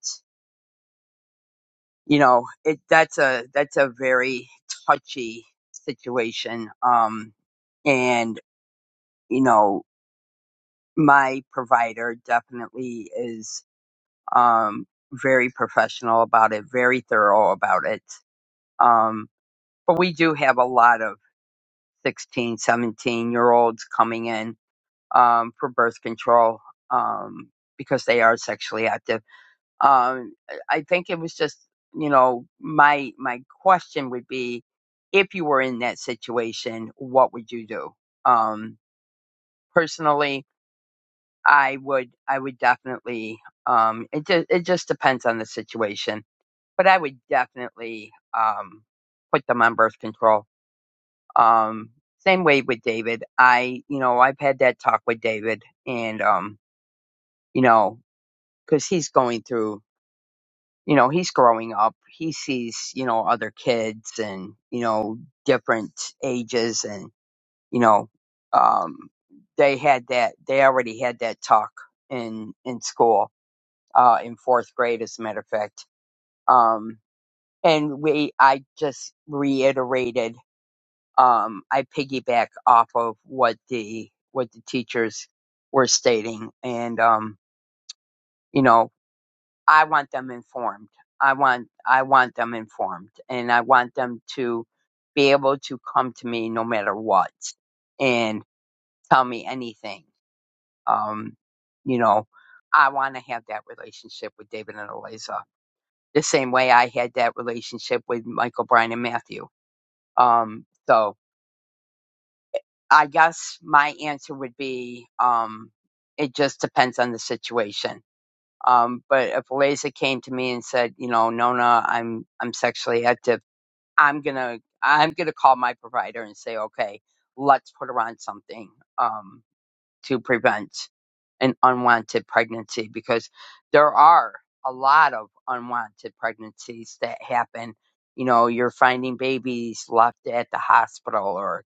Speaker 2: you know, it that's a that's a very touchy situation. Um, and you know, my provider definitely is um, very professional about it, very thorough about it. Um, but we do have a lot of 16, 17 year olds coming in um, for birth control um, because they are sexually active. Um, I think it was just, you know, my my question would be, if you were in that situation, what would you do? Um, personally, I would I would definitely. Um, it just it just depends on the situation, but I would definitely um, put them on birth control. Um, same way with David. I, you know, I've had that talk with David, and um, you know, because he's going through you know he's growing up he sees you know other kids and you know different ages and you know um they had that they already had that talk in in school uh in fourth grade as a matter of fact um and we i just reiterated um i piggyback off of what the what the teachers were stating and um you know, I want them informed. I want I want them informed and I want them to be able to come to me no matter what and tell me anything. Um, you know, I want to have that relationship with David and Eliza the same way I had that relationship with Michael Bryan and Matthew. Um, so I guess my answer would be um, it just depends on the situation Um, but if Eliza came to me and said, you know, Nona, I'm I'm sexually active, I'm gonna I'm gonna call my provider and say, okay, let's put her on something um, to prevent an unwanted pregnancy because there are a lot of unwanted pregnancies that happen. You know, you're finding babies left at the hospital or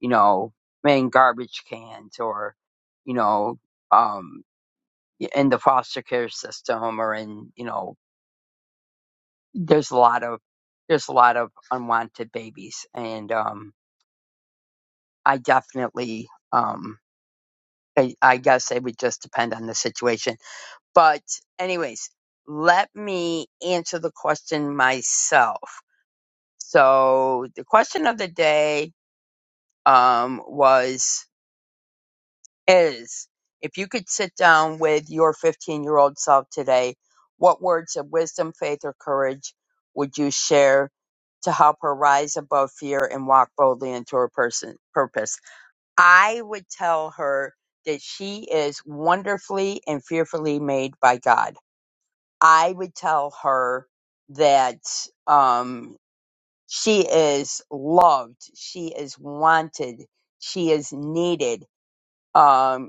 Speaker 2: you know in garbage cans or you know. um, in the foster care system or in you know there's a lot of there's a lot of unwanted babies and um i definitely um i, I guess it would just depend on the situation but anyways let me answer the question myself so the question of the day um was is if you could sit down with your 15 year old self today, what words of wisdom, faith, or courage would you share to help her rise above fear and walk boldly into her person, purpose? I would tell her that she is wonderfully and fearfully made by God. I would tell her that um, she is loved, she is wanted, she is needed. Um,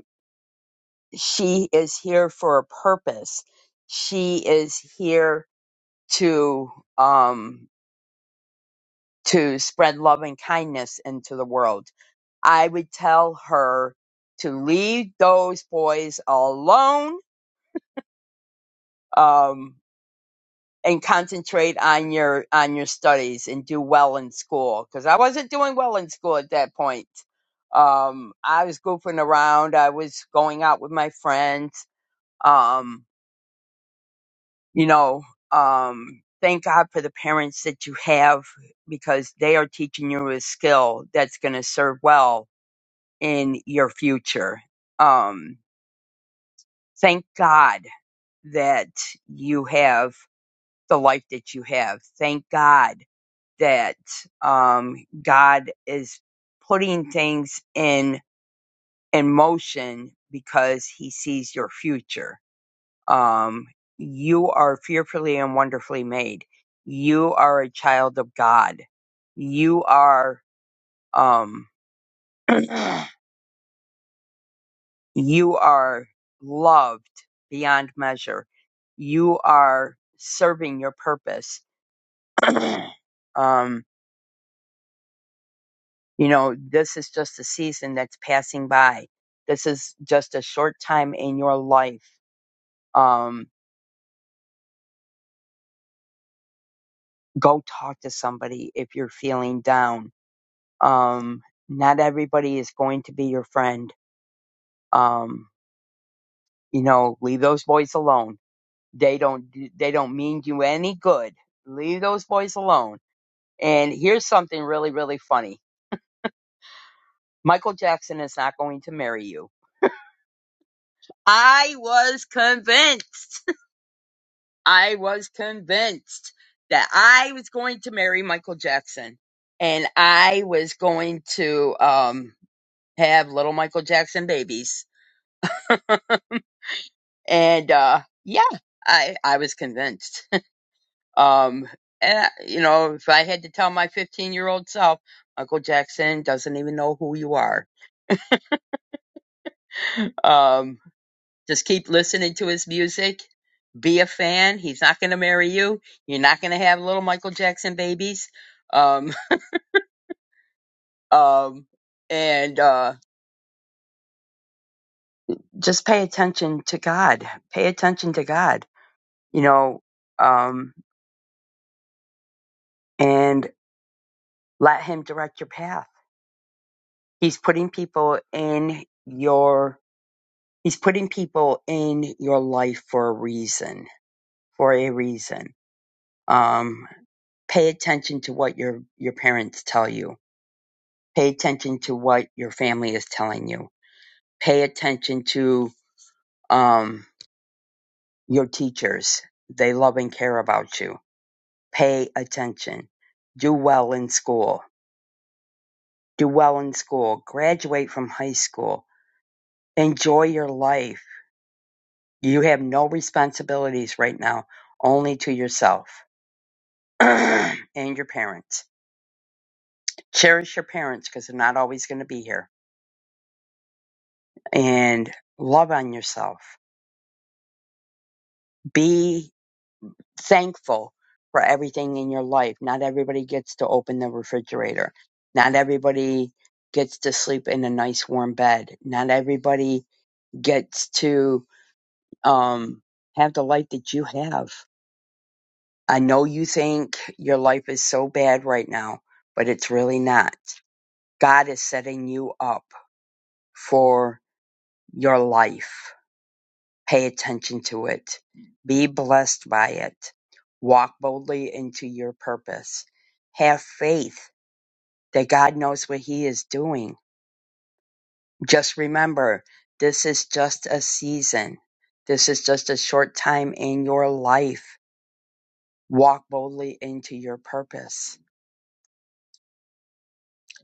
Speaker 2: she is here for a purpose. She is here to um to spread love and kindness into the world. I would tell her to leave those boys alone um and concentrate on your on your studies and do well in school cuz I wasn't doing well in school at that point. Um I was goofing around, I was going out with my friends. Um you know, um, thank God for the parents that you have because they are teaching you a skill that's going to serve well in your future. Um, thank God that you have the life that you have. Thank God that um, God is putting things in in motion because He sees your future um, you are fearfully and wonderfully made. You are a child of God. You are, um, you are loved beyond measure. You are serving your purpose. um, you know, this is just a season that's passing by. This is just a short time in your life. Um, go talk to somebody if you're feeling down Um, not everybody is going to be your friend. Um, you know, leave those boys alone. They don't, they don't mean you any good. Leave those boys alone. And here's something really, really funny. Michael Jackson is not going to marry you. I was convinced. I was convinced that I was going to marry Michael Jackson and I was going to, um, have little Michael Jackson babies. and uh yeah i i was convinced um and, you know if i had to tell my 15 year old self uncle jackson doesn't even know who you are um just keep listening to his music be a fan he's not going to marry you you're not going to have little michael jackson babies um um and uh just pay attention to god pay attention to god you know um and let him direct your path He's putting people in your he's putting people in your life for a reason. For a reason. Um, pay attention to what your your parents tell you. Pay attention to what your family is telling you. Pay attention to um, your teachers. They love and care about you. Pay attention. Do well in school. Do well in school. Graduate from high school. Enjoy your life You have no responsibilities right now, only to yourself and your parents. Cherish your parents because they're not always going to be here. And love on yourself. Be thankful for everything in your life. Not everybody gets to open the refrigerator. Not everybody gets to sleep in a nice warm bed. Not everybody gets to um, have the life that you have. I know you think your life is so bad right now, but it's really not. God is setting you up for your life. Pay attention to it. Be blessed by it. Walk boldly into your purpose. Have faith that God knows what He is doing. Just remember, this is just a season. This is just a short time in your life. Walk boldly into your purpose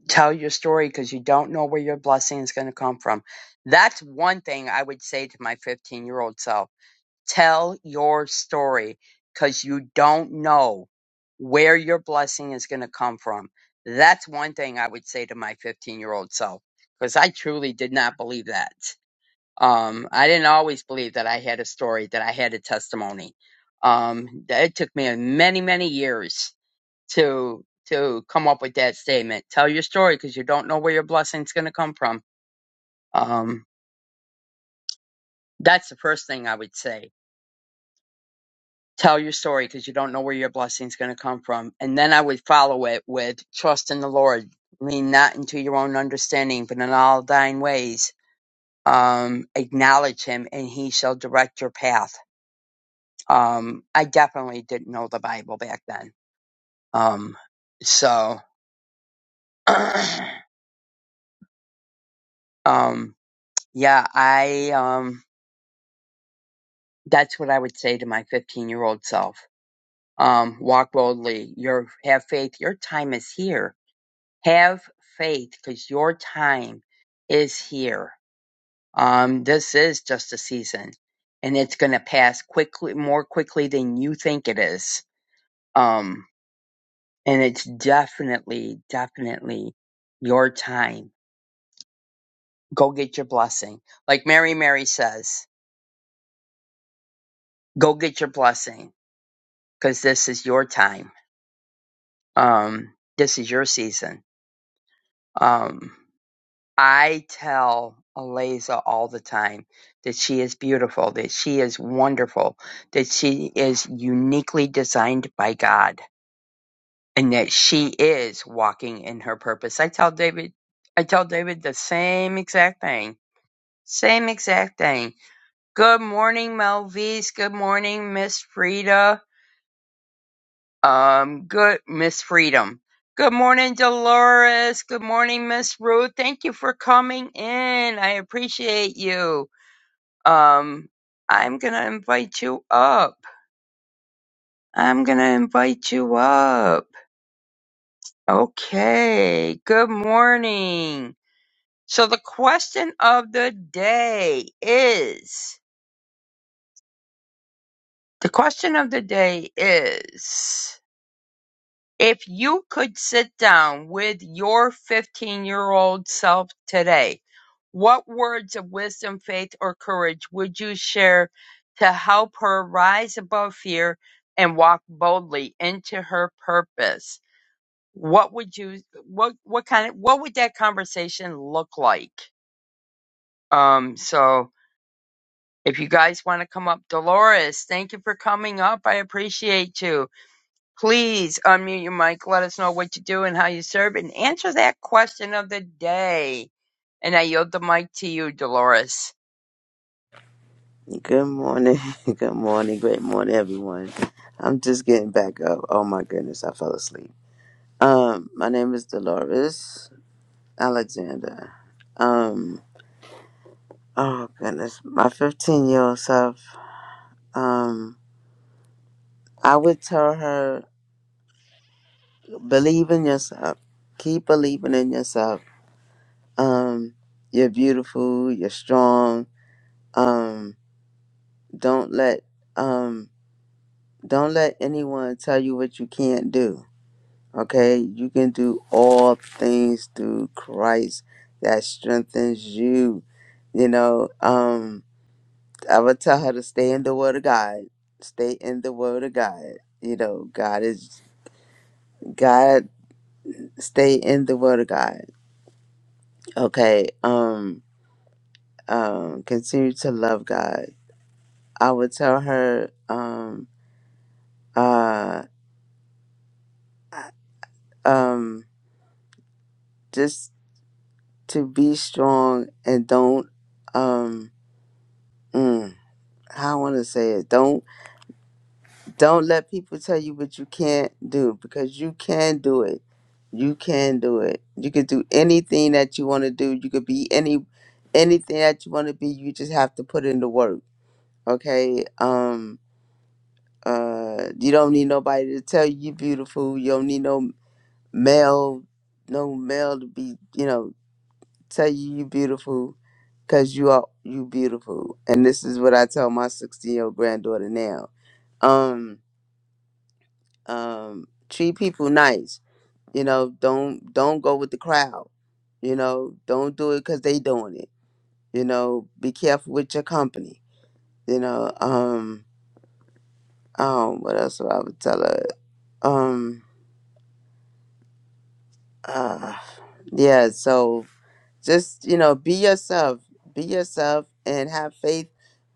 Speaker 2: tell your story because you don't know where your blessing is going to come from. That's one thing I would say to my 15 year old self. Tell your story because you don't know where your blessing is going to come from. That's one thing I would say to my 15 year old self because I truly did not believe that. Um, I didn't always believe that I had a story, that I had a testimony. Um, it took me many, many years to to come up with that statement. Tell your story because you don't know where your blessing's going to come from. Um, that's the first thing I would say. Tell your story because you don't know where your blessing's going to come from, and then I would follow it with trust in the Lord, lean not into your own understanding, but in all thine ways um, acknowledge Him, and He shall direct your path. Um, I definitely didn't know the Bible back then, um, so um, yeah, I um, that's what I would say to my 15 year old self. Um, walk boldly. Your have faith. Your time is here. Have faith because your time is here. Um, this is just a season, and it's going to pass quickly, more quickly than you think it is. Um, and it's definitely, definitely your time. Go get your blessing. Like Mary, Mary says, go get your blessing because this is your time. Um, this is your season Um, I tell Aliza all the time that she is beautiful, that she is wonderful, that she is uniquely designed by God, and that she is walking in her purpose. I tell David, I tell David the same exact thing. Same exact thing. Good morning, Melvise. Good morning, Miss Frida. Um, good, Miss Freedom. Good morning, Dolores. Good morning, Miss Ruth. Thank you for coming in. I appreciate you. Um, I'm gonna invite you up. I'm gonna invite you up. Okay. Good morning. So the question of the day is, the question of the day is, If you could sit down with your 15 year old self today, what words of wisdom, faith, or courage would you share to help her rise above fear and walk boldly into her purpose? What would you what what kind of what would that conversation look like? Um so if you guys want to come up, Dolores, thank you for coming up. I appreciate you. Please unmute your mic. Let us know what you do and how you serve, and answer that question of the day. And I yield the mic to you, Dolores.
Speaker 7: Good morning. Good morning. Great morning, everyone. I'm just getting back up. Oh my goodness, I fell asleep. Um, my name is Dolores Alexander. Um, oh goodness, my 15 year old self. Um, I would tell her, believe in yourself. Keep believing in yourself. Um, you're beautiful. You're strong. Um, don't let um, don't let anyone tell you what you can't do Okay, you can do all things through Christ that strengthens you. You know, um, I would tell her to stay in the Word of God. Stay in the Word of God. You know, God is God. Stay in the Word of God. Okay. Um. Um. Continue to love God. I would tell her. Um. Uh. Um. Just to be strong and don't. Um. mm, how I want to say it. Don't don't let people tell you what you can't do because you can do it. You can do it. You can do anything that you want to do. You could be any anything that you want to be. You just have to put in the work. Okay. Um. Uh. You don't need nobody to tell you you're beautiful. You don't need no male, no male to be. You know, tell you you're beautiful. Cause you are you beautiful, and this is what I tell my sixteen year old granddaughter now. Um um treat people nice you know don't don't go with the crowd you know don't do it because they doing it you know be careful with your company you know um um what else would i would tell her um uh yeah so just you know be yourself be yourself and have faith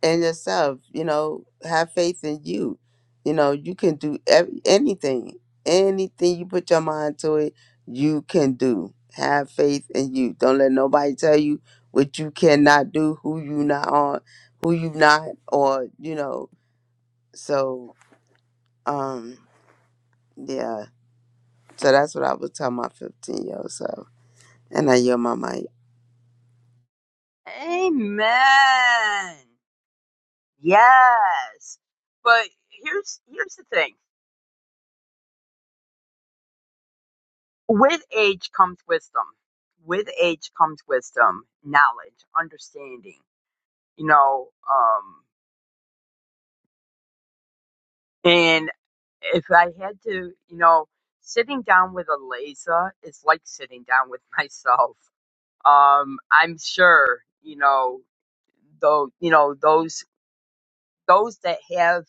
Speaker 7: in yourself you know have faith in you you know you can do ev- anything anything you put your mind to it you can do have faith in you don't let nobody tell you what you cannot do who you not on who you not or you know so um yeah so that's what i was telling my 15 year old self and i yield my mic
Speaker 2: Amen. Yes. But here's here's the thing. With age comes wisdom. With age comes wisdom, knowledge, understanding. You know, um, and if I had to, you know, sitting down with a laser is like sitting down with myself. Um, I'm sure, you know, though, you know, those, those that have,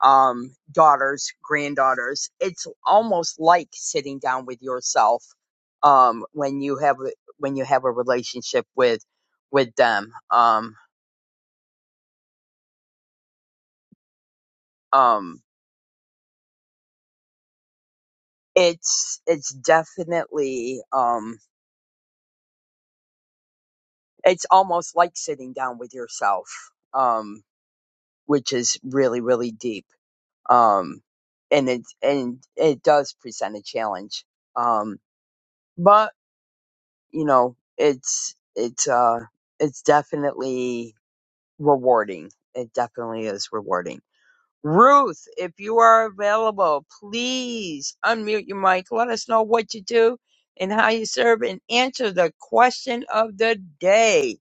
Speaker 2: um, daughters, granddaughters, it's almost like sitting down with yourself, um, when you have, a- when you have a relationship with, with them. Um, um, it's, it's definitely, um, it's almost like sitting down with yourself, um, which is really, really deep um, and it and it does present a challenge. Um, but you know, it's it's uh it's definitely rewarding. It definitely is rewarding. Ruth, if you are available, please unmute your mic. Let us know what you do and how you serve, and answer the question of the day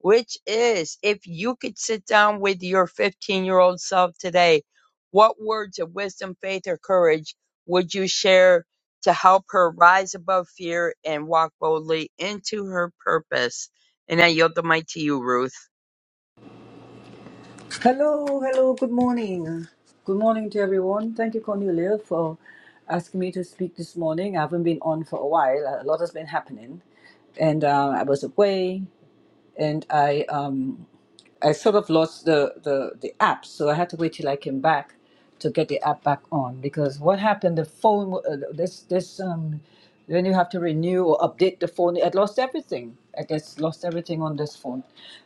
Speaker 2: which is if you could sit down with your 15 year old self today, what words of wisdom, faith, or courage would you share to help her rise above fear and walk boldly into her purpose? And I yield the mic to you, Ruth.
Speaker 8: Hello, hello, good morning. Good morning to everyone. Thank you, Cornelia, for asking me to speak this morning. I haven't been on for a while. A lot has been happening, and uh, I was away, and I um, I sort of lost the, the the app, so I had to wait till I came back to get the app back on. Because what happened, the phone uh, this this um, then you have to renew or update the phone. I lost everything. I just lost everything on this phone.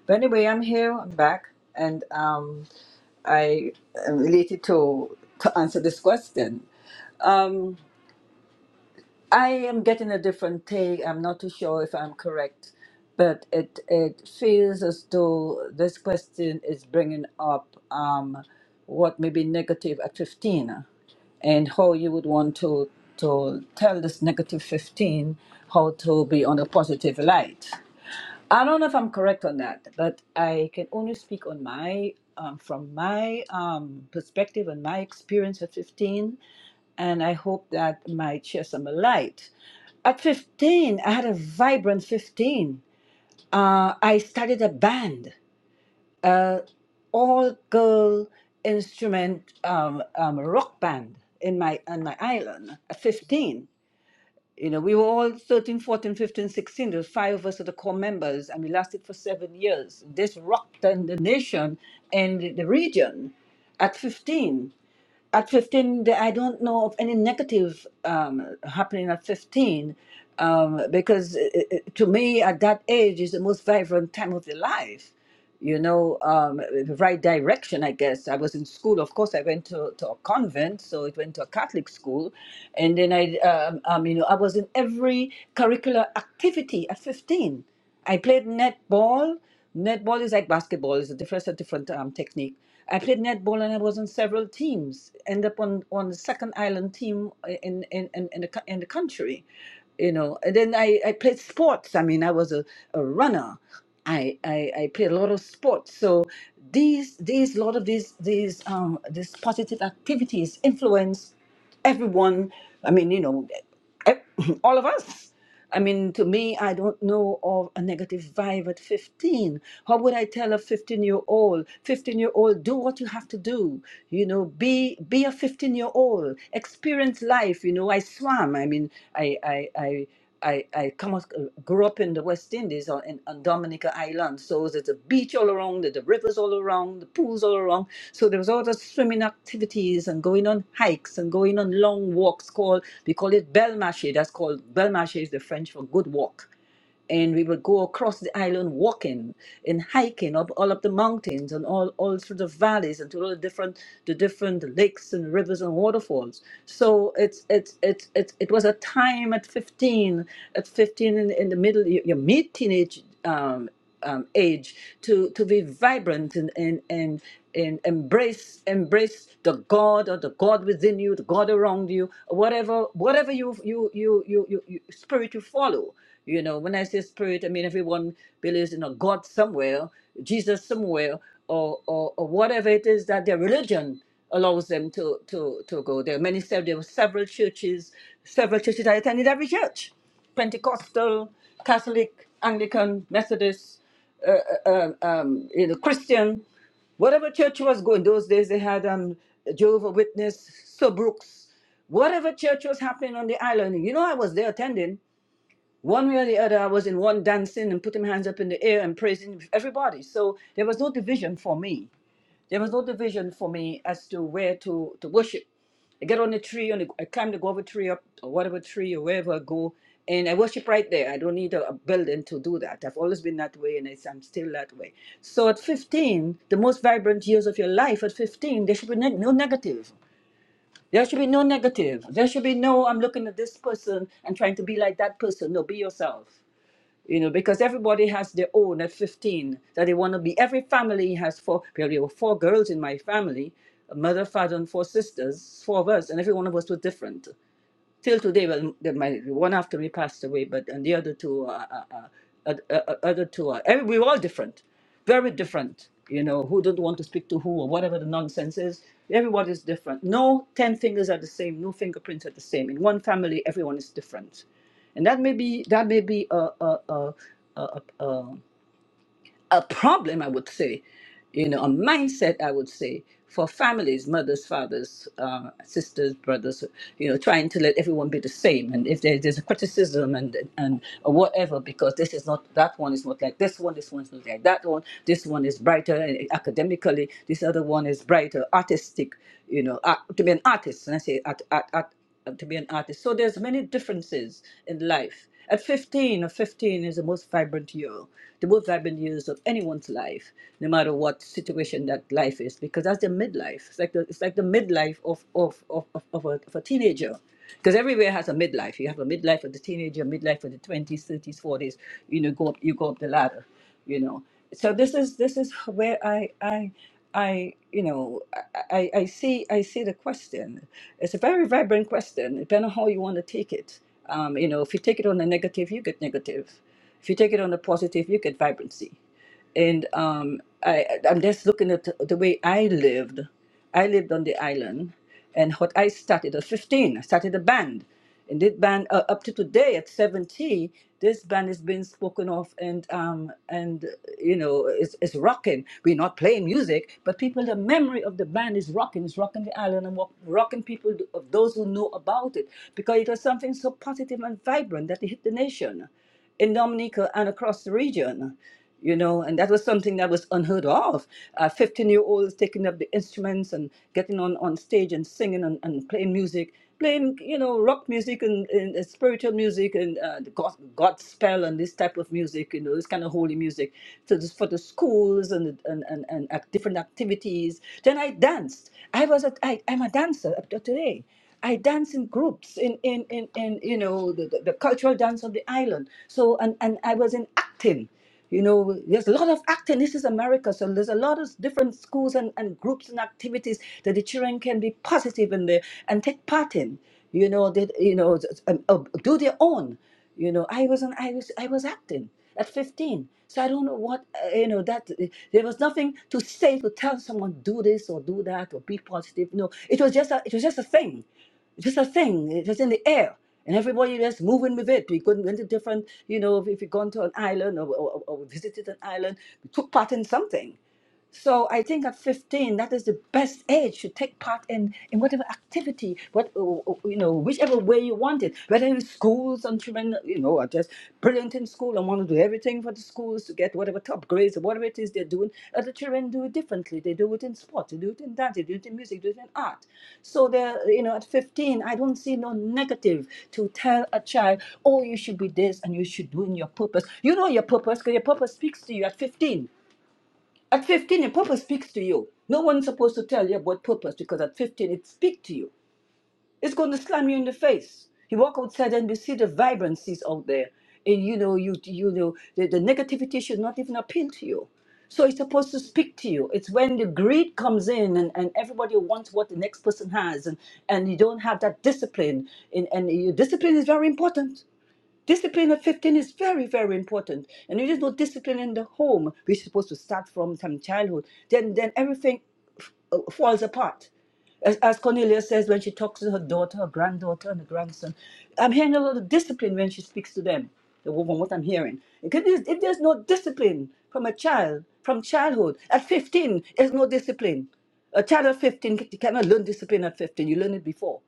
Speaker 8: But anyway, I'm here. I'm back, and um. I am related to to answer this question. I am getting a different take. I'm not too sure if I'm correct, but it it feels as though this question is bringing up um, what may be negative at 15 and how you would want to to tell this negative 15 how to be on a positive light. I don't know if I'm correct on that, but I can only speak on my um, from my um, perspective and my experience at 15, and I hope that might share some light. At 15, I had a vibrant 15. Uh, I started a band, uh, all girl instrument um, um, rock band in my on my island at 15. You know, we were all 13, 14, 15, 16. There was five of us are the core members, and we lasted for seven years. This rocked the the nation and the region at 15 at 15 the- i don't know of any negative um, happening at 15 um, because uh, uh, uh, to me at that age is the most vibrant time of the life you know um, the right direction i guess i was in school of course i went to, to a convent so it went to a catholic school and then i um, um, you know i was in every curricular activity at 15 I played netball. Netball is like basketball; it's a different, a different um, technique. I played netball, and I was on several teams. End up on on the second island team uh, in in in, in, the, co- in the country, you know. And then I I played sports. I mean, I was a, a runner. I, I I played a lot of sports. So these these lot of these these um these positive activities influence everyone i mean you know e- all of us i mean to me i don't know of a negative vibe at 15 how would i tell a 15 year old 15 year old do what you have to do you know be be a 15 year old experience life you know i swam i mean i i i I, I come up, uh, grew up in the West Indies or in, on Dominica Island. So there's a beach all around, there's the rivers all around, the pools all around. So there was all the swimming activities and going on hikes and going on long walks called, we call it Belmarché. That's called, Belmarché is the French for good walk and we would go across the island walking and hiking up all up the mountains and all all through the valleys and to all the different the different lakes and rivers and waterfalls so it's it's it's, it's it was a time at 15 at 15 in, in the middle your, your mid teenage um, um, age to to be vibrant and and and and embrace embrace the God or the God within you, the God around you, whatever whatever you you you you, you, you spirit you follow you know, when I say spirit, I mean everyone believes in a God somewhere, Jesus somewhere, or or, or whatever it is that their religion allows them to to to go there. are Many said there were several churches, several churches. I attended every church, Pentecostal, Catholic, Anglican, Methodist, uh, uh, um, um, you know, Christian, whatever church was going those days they had um jehovah witness Sir brooks whatever church was happening on the island you know i was there attending one way or the other, I was in one dancing and putting my hands up in the air and praising everybody. So there was no division for me. There was no division for me as to where to, to worship. I get on the tree, on the, I climb the guava tree up, or whatever tree, or wherever I go, and I worship right there. I don't need a, a building to do that. I've always been that way, and it's, I'm still that way. So at 15, the most vibrant years of your life, at 15, there should be neg no negative. There should be no negative. There should be no, I'm looking at this person and trying to be like that person. No, be yourself you know, because everybody has their own at 15 that they want to be. Every family has four, well, there were four girls in my family, a mother, father, and four sisters, four of us, and every one of us was different till today. Well, the, my one after me passed away, but and the other two, uh, uh, uh, uh, uh, other two, are, every, we were all different, very different. You know, who don't want to speak to who or whatever the nonsense is. Everyone is different. No ten fingers are the same. No fingerprints are the same. In one family, everyone is different, and that may be that may be a a a a, a, a problem, I would say, you know, a mindset, I would say, for families, mothers, fathers, uh, sisters, brothers, you know, trying to let everyone be the same. And if there, there's a criticism and and or whatever, because this is not that one is not like this one, this one's not like that one, this one is brighter eh, eh, academically, this other one is brighter artistic. You know, art, to be an artist, and I say art, art, art uh, to be an artist. So there's many differences in life. At 15, or 15 is the most vibrant year, the most vibrant years of anyone's life, no matter what situation that life is, because that's the midlife. It's like the, it's like the midlife of, of, of, of, of, a, of a teenager. Because everywhere has a midlife. You have a midlife for the teenager, midlife for the 20s, 30s, 40s. You know, go up, you go up the ladder you know so this is this is where i i i you know i i I see i see the question it's a very vibrant question depending on how you want to take it um you know if you take it on the negative you get negative if you take it on the positive you get vibrancy and um, I, I'm just looking at the way I lived. I lived on the island, and what I started at 15, I started a band. And this band, uh, up to today at 70, this band is being spoken of, and um, and you know, it's, it's rocking. We're not playing music, but people, the memory of the band is rocking. It's rocking the island and rock, rocking people of those who know about it because it was something so positive and vibrant that it hit the nation in Dominica and across the region, you know, and that was something that was unheard of. Uh, 15 year olds taking up the instruments and getting on, on stage and singing and, and playing music, playing, you know, rock music and, and uh, spiritual music and uh, the God, gospel and this type of music, you know, this kind of holy music. So this for the schools and, and, and, and act- different activities. Then I danced. I was a, I, I'm a dancer up to today. I dance in groups in in in, in you know the, the, the cultural dance of the island. So and and I was in acting. You know, there's a lot of acting. This is America, so there's a lot of different schools and, and groups and activities that the children can be positive in there and take part in. You know, that you know, s- s- um, uh, do their own you know i was an i was i was acting at 15 so i don't know what uh, you know that uh, there was nothing to say to tell someone do this or do that or be positive no it was just a it was just a thing just a thing it was in the air and everybody was moving with it. We couldn't went to different, you know, if we gone to an island or, or, or visited an island, we took part in something. So I think at 15, that is the best age to take part in, in whatever activity, what uh, uh, you know, whichever way you want it. Whether it's schools and children, you know, are just brilliant in school and want to do everything for the schools to get whatever top grades or whatever it is they're doing. Other children do it differently. They do it in sports, they do it in dance, they do it in music, they do it in art. So they're, you know, at 15, I don't see no negative to tell a child, oh, you should be this and you should do in your purpose. You know your purpose because your purpose speaks to you at 15. At 15, your purpose speaks to you. No one's supposed to tell you about purpose because at 15, it speaks to you. It's going to slam you in the face. You walk outside and you see the vibrancies out there. And you know, you you know, the, the negativity should not even appeal to you. So it's supposed to speak to you. It's when the greed comes in and, and everybody wants what the next person has and, and you don't have that discipline. And, and your discipline is very important Discipline at 15 is very, very important. And if there's no discipline in the home. We're supposed to start from some childhood. Then, then everything f- uh, falls apart. As, as Cornelia says, when she talks to her daughter, her granddaughter, and her grandson, I'm hearing a lot of discipline when she speaks to them, the woman, what I'm hearing. Because if there's if there's no discipline from a child, from childhood, at 15, there's no discipline. A child at 15 c- cannot learn discipline at 15. You learn it before.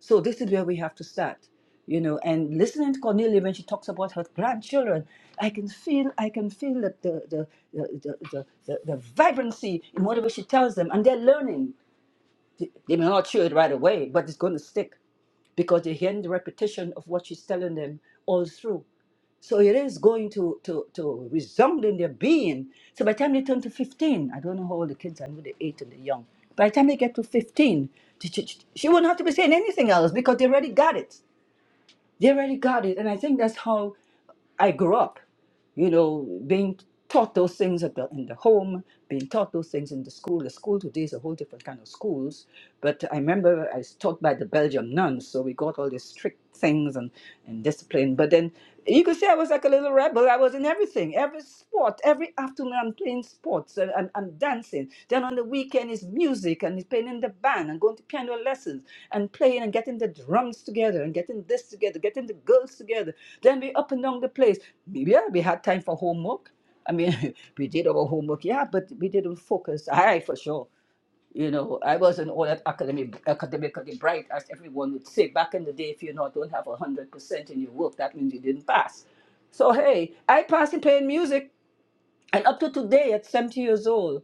Speaker 8: So this is where we have to start, you know. And listening to Cornelia when she talks about her grandchildren, I can feel, I can feel that the the the the, the, the, the vibrancy in whatever she tells them, and they're learning. They they may not chew it right away, but it's going to stick because they're hearing the repetition of what she's telling them all through. So it is going to, to, to resound in their being. So by the time they turn to 15, I don't know how old the kids are, I know they're 8 and they're young. By the time they get to 15, she, she, she won't have to be saying anything else because they already got it. They already got it. And I think that's how I grew up, you know, being taught those things at the, in the home, being taught those things in the school. The school today is a whole different kind of schools. But I remember I was taught by the Belgium nuns, so we got all these strict things and, and discipline. But then you could say I was like a little rebel. I was in everything, every sport, every afternoon. I'm playing sports and, and, and dancing. Then on the weekend is music and he's playing in the band and going to piano lessons and playing and getting the drums together and getting this together, getting the girls together. Then we up and down the place. Maybe yeah, we had time for homework. I mean, we did our homework, yeah, but we didn't focus. I for sure. You know, I wasn't all that academic, academically bright, as everyone would say. Back in the day, if you not don't have a hundred percent in your work, that means you didn't pass. So hey, I passed in playing music. And up to today, at 70 years old,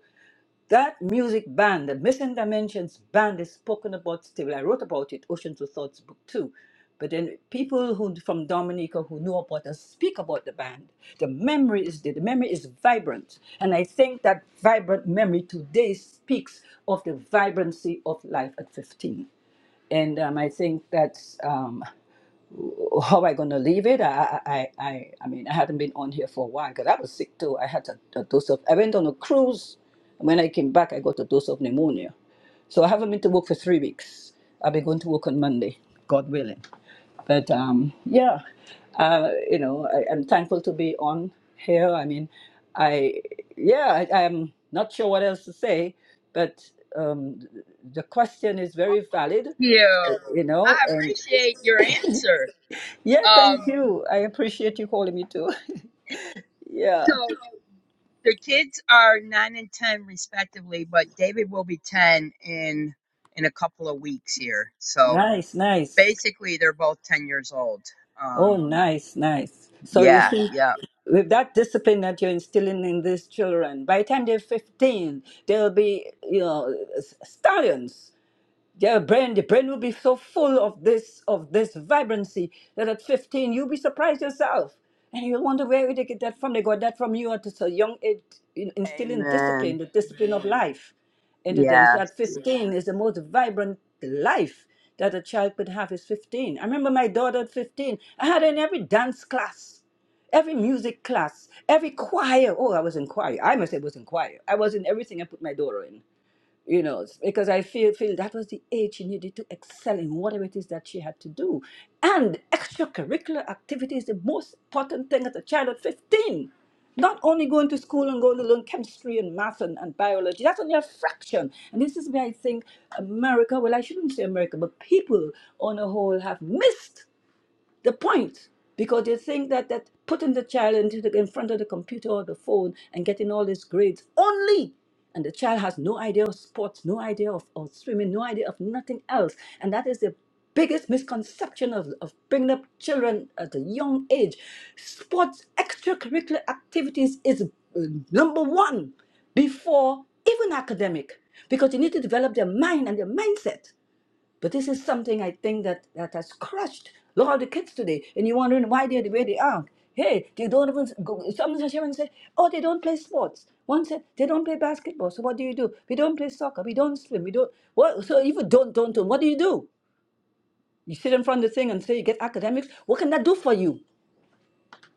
Speaker 8: that music band, the Missing Dimensions band, is spoken about still. I wrote about it, Oceans of Thoughts, book two. But then people who from Dominica who know about us speak about the band. The memory is there. The memory is vibrant, and I think that vibrant memory today speaks of the vibrancy of life at 15. And um, I think that's. um, how am I gonna leave it? I, I, I, I I mean, I hadn't been on here for a while because I was sick too. I had a, a dose of. I went on a cruise, and when I came back, I got a dose of pneumonia. So I haven't been to work for three weeks. I'll be going to work on Monday, God willing. But um, yeah, uh, you know, I, I'm thankful to be on here. I mean, I yeah, I, I'm not sure what else to say, but um, the question is
Speaker 2: Thank
Speaker 8: very valid, uh,
Speaker 2: you.
Speaker 8: you know,
Speaker 2: I
Speaker 8: and.
Speaker 2: appreciate your answer.
Speaker 8: Yeah, thank
Speaker 2: Um,
Speaker 8: you. I appreciate you calling me too. Yeah.
Speaker 2: so the kids are nine and ten respectively, but David will be ten in in a couple of weeks here. So
Speaker 8: Nice, nice.
Speaker 2: Basically, they're both 10 years old.
Speaker 8: Oh,
Speaker 2: Um,
Speaker 8: nice, nice. So you
Speaker 2: yeah,
Speaker 8: see,
Speaker 2: yeah.
Speaker 8: with that discipline that you're instilling in these children, by the time they're 15, they'll be, you know, s- stallions. their brain the brain will be so full of this of this vibrancy that at 15 you'll be surprised yourself and you'll wonder where they get that from they got that from you at such a young age in, instilling discipline
Speaker 2: Amen.
Speaker 8: the discipline of life into them so at
Speaker 2: Yes.
Speaker 8: 15 is the most vibrant life that a child could have is 15 i remember my daughter at 15 i had her in every dance class every music class every choir oh i was in choir i must say was in choir i was in everything i put my daughter in you know because i feel feel that was the age she needed to excel in whatever it is that she had to do and extracurricular activity is the most important thing as a child at 15 not only going to school and going to learn chemistry and math and, and biology that's only a fraction and this is where i think america well i shouldn't say america but people on a whole have missed the point because they think that that putting the child into the, in front of the computer or the phone and getting all these grades only and the child has no idea of sports no idea of, of swimming no idea of nothing else and that is the biggest misconception of, of bringing up children at a young age sports extracurricular activities is uh, number one before even academic because you need to develop their mind and their mindset but this is something I think that, that has crushed a lot of the kids today. And you're wondering why they're the way they are. Hey, they don't even go. Some Sharon said, oh, they don't play sports. One said, they don't play basketball. So what do you do? We don't play soccer. We don't swim. We don't. What? So if you don't, don't, don't, what do you do? You sit in front of the thing and say you get academics. What can that do for you?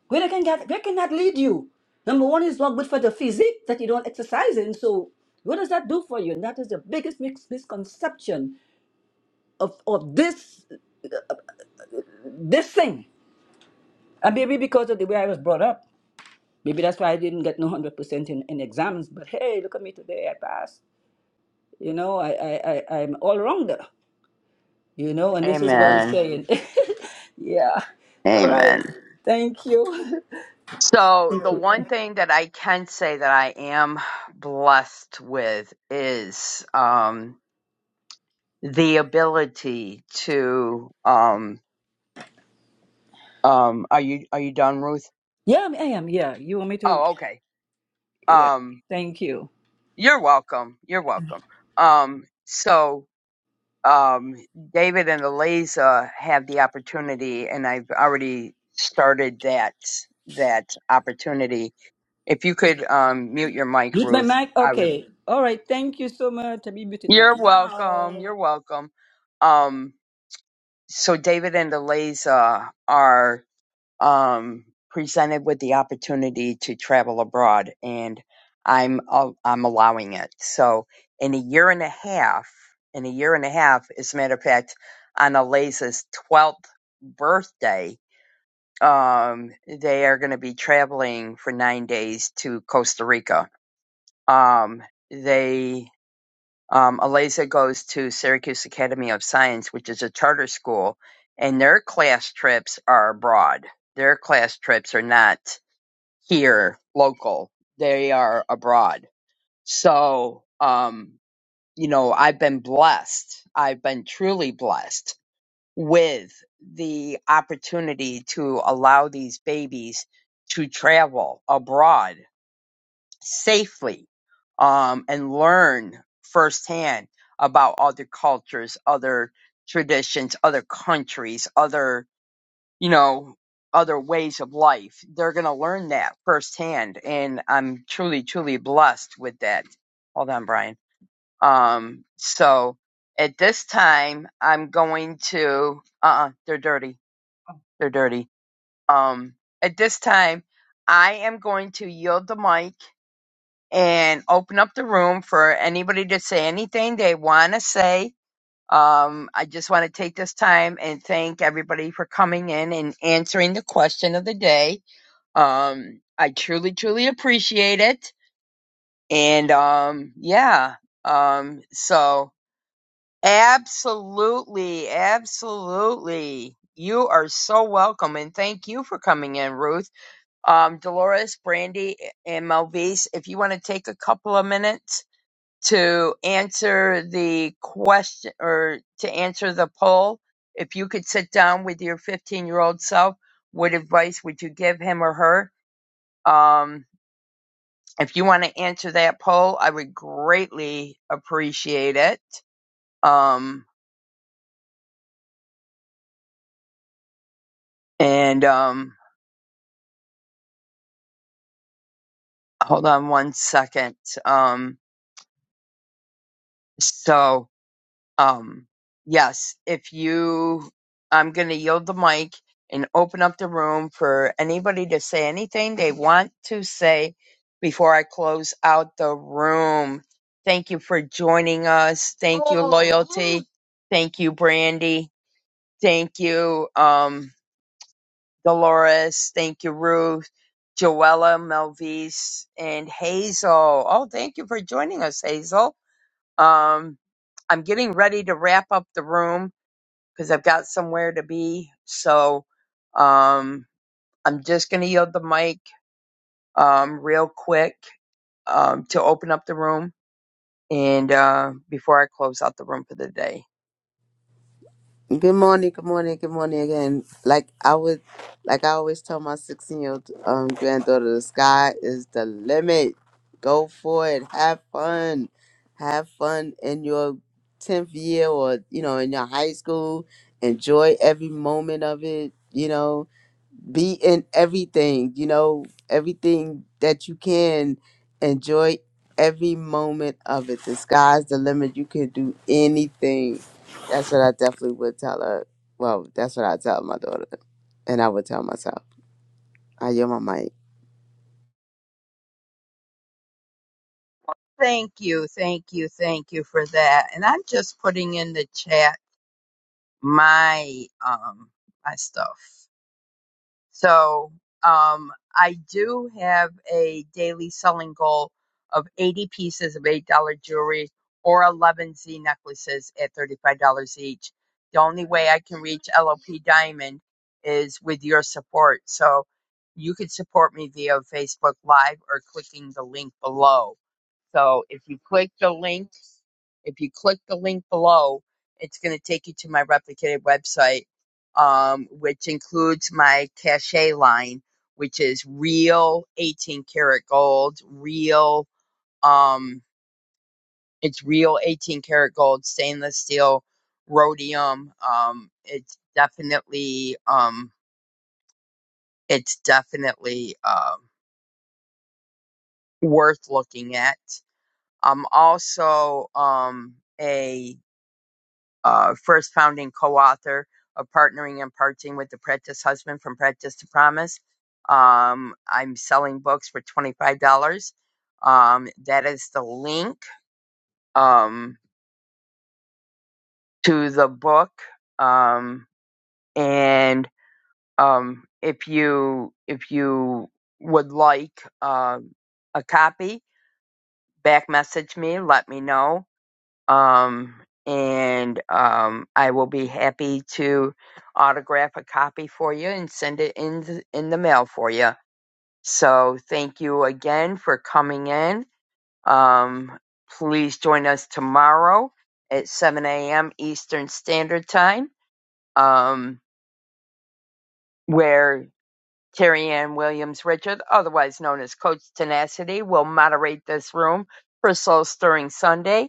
Speaker 8: Where can that, where can that lead you? Number one is not good for the physique that you don't exercise in. So what does that do for you? And that is the biggest mis- misconception of, of this this thing. And maybe because of the way I was brought up, maybe that's why I didn't get no hundred percent in, in exams. But hey, look at me today, I passed. You know, I I, I I'm all rounder. You know, and this is what I'm
Speaker 2: Amen.
Speaker 8: saying. yeah. All right.
Speaker 2: Amen.
Speaker 8: Thank you.
Speaker 2: So,
Speaker 8: Thank
Speaker 2: the
Speaker 8: you.
Speaker 2: one thing that I can say that I am blessed with is um, the ability to. Um, um, are you are you done, Ruth?
Speaker 8: Yeah, I am. Yeah. You want me to?
Speaker 2: Oh, okay.
Speaker 8: Yeah.
Speaker 2: Um,
Speaker 8: Thank you.
Speaker 2: you're welcome. You're welcome. Um, so um, David and Eliza have the opportunity, and I've already started that that opportunity. If you could um, mute your mic,
Speaker 8: Mute my
Speaker 2: Ruth,
Speaker 8: mic.
Speaker 2: I would.
Speaker 8: Okay. All right. Thank you so much. I'm muting right
Speaker 2: You're welcome.
Speaker 8: now.
Speaker 2: You're welcome. Um, so David and Eliza are um, presented with the opportunity to travel abroad, and I'm al- I'm allowing it. So in a year and a half, in a year and a half, as a matter of fact, on Eliza's twelfth birthday, um, they are going to be traveling for nine days to Costa Rica. Um, they um, Eliza goes to Syracuse Academy of Science, which is a charter school, and their class trips are abroad. Their class trips are not here local, they are abroad. So, um, you know, I've been blessed. I've been truly blessed with the opportunity to allow these babies to travel abroad safely um, and learn firsthand about other cultures, other traditions, other countries, other, you know, other ways of life. They're going to learn that firsthand. And I'm truly, truly blessed with that. Hold on, Brian. Um, so at this time, I'm going to, uh, uh they're dirty. They're dirty. Um, at this time, I am going to yield the mic and open up the room for anybody to say anything they want to say. Um, I just want to take this time and thank everybody for coming in and answering the question of the day. Um, I truly, truly appreciate it. And um, yeah, um, so absolutely, absolutely. You are so welcome and thank you for coming in, Ruth. Um, Dolores, Brandy, and Melvise, if you want to take a couple of minutes to answer the question or to answer the poll, if you could sit down with your 15 year old self, what advice would you give him or her? Um, if you want to answer that poll, I would greatly appreciate it. Um, and um, hold on one second. Um, so um yes if you i'm going to yield the mic and open up the room for anybody to say anything they want to say before i close out the room thank you for joining us thank you loyalty thank you brandy thank you um dolores thank you ruth joella melvise and hazel oh thank you for joining us hazel um i'm getting ready to wrap up the room because I've got somewhere to be. So um, I'm just going to yield the mic um, real quick um, to open up the room and uh, before I close out the room for the day.
Speaker 7: Good morning, good morning, good morning again. Like I would, like I always tell my 16 year old um, granddaughter, the sky is the limit. Go for it. Have fun. Have fun in your 10th year or, you know, in your high school. Enjoy every moment of it, you know be in everything you know everything that you can enjoy every moment of it the sky's the limit you can do anything that's what i definitely would tell her well that's what i tell my daughter and i would tell myself i am my mic
Speaker 2: Thank you, thank you, thank you for that. And I'm just putting in the chat my um my stuff. So um, I do have a daily selling goal of 80 pieces of $8 jewelry or 11 Z necklaces at $35 each. The only way I can reach LOP Diamond is with your support. So you could support me via Facebook Live or clicking the link below. So if you click the link, if you click the link below, it's going to take you to my replicated website, um, which includes my cachet line, which is real 18 karat gold, real, um, it's real 18 karat gold, stainless steel, rhodium. Um, it's definitely, um, it's definitely, um, worth looking at. I'm also, um, a uh, first founding co-author of Partnering and Parting with the Practice Husband from Practice to Promise. Um, I'm selling books for $25. Um, that is the link um, to the book. Um, and um, if you if you would like um a copy, back message me, let me know um, and um, I will be happy to autograph a copy for you and send it in th- in the mail for you. So thank you again for coming in. Um, please join us tomorrow at 7 a.m. Eastern Standard Time, um, where Terry Ann Williams Richard, otherwise known as Coach Tenacity, will moderate this room for Soul Stirring Sunday.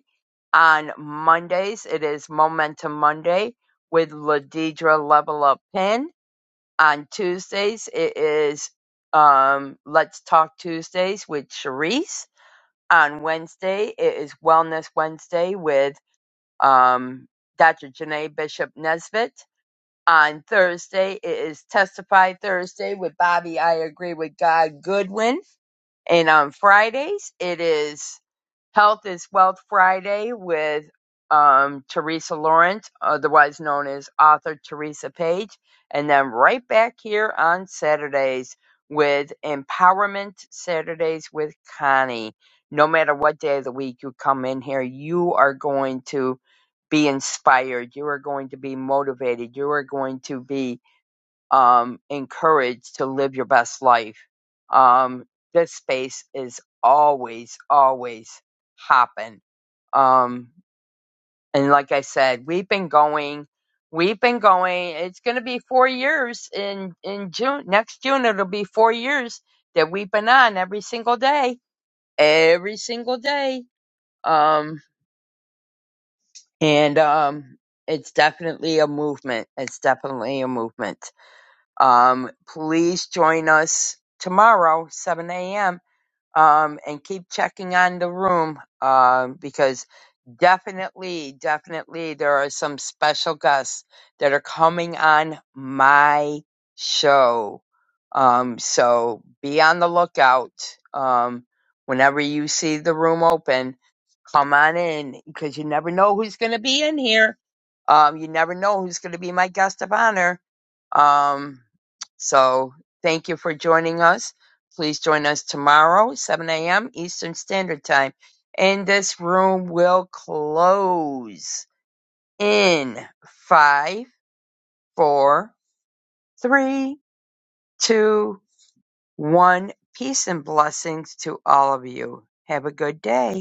Speaker 2: On Mondays, it is Momentum Monday with Ladidra Level Up Pin. On Tuesdays, it is um, Let's Talk Tuesdays with Sharice. On Wednesday, it is Wellness Wednesday with um, Dr. Janae Bishop Nesbitt on Thursday. It is Testify Thursday with Bobby I Agree with God Goodwin. And on Fridays, it is Health is Wealth Friday with um, Teresa Lawrence, otherwise known as author Teresa Page. And then right back here on Saturdays with Empowerment Saturdays with Connie. No matter what day of the week you come in here, you are going to be inspired. You are going to be motivated. You are going to be um, encouraged to live your best life. Um, this space is always, always hopping. Um, and like I said, we've been going, we've been going. It's going to be four years in in June. Next June, it'll be four years that we've been on every single day, every single day. Um, and um, it's definitely a movement. It's definitely a movement. Um, please join us tomorrow, 7 a.m., um, and keep checking on the room um, because Definitely, definitely. There are some special guests that are coming on my show. Um, so be on the lookout. Um, whenever you see the room open, come on in because you never know who's going to be in here. Um, you never know who's going to be my guest of honor. Um, so thank you for joining us. Please join us tomorrow, 7 a.m. Eastern Standard Time and this room will close in five, four, three, two, one. Peace and blessings to all of you. Have a good day.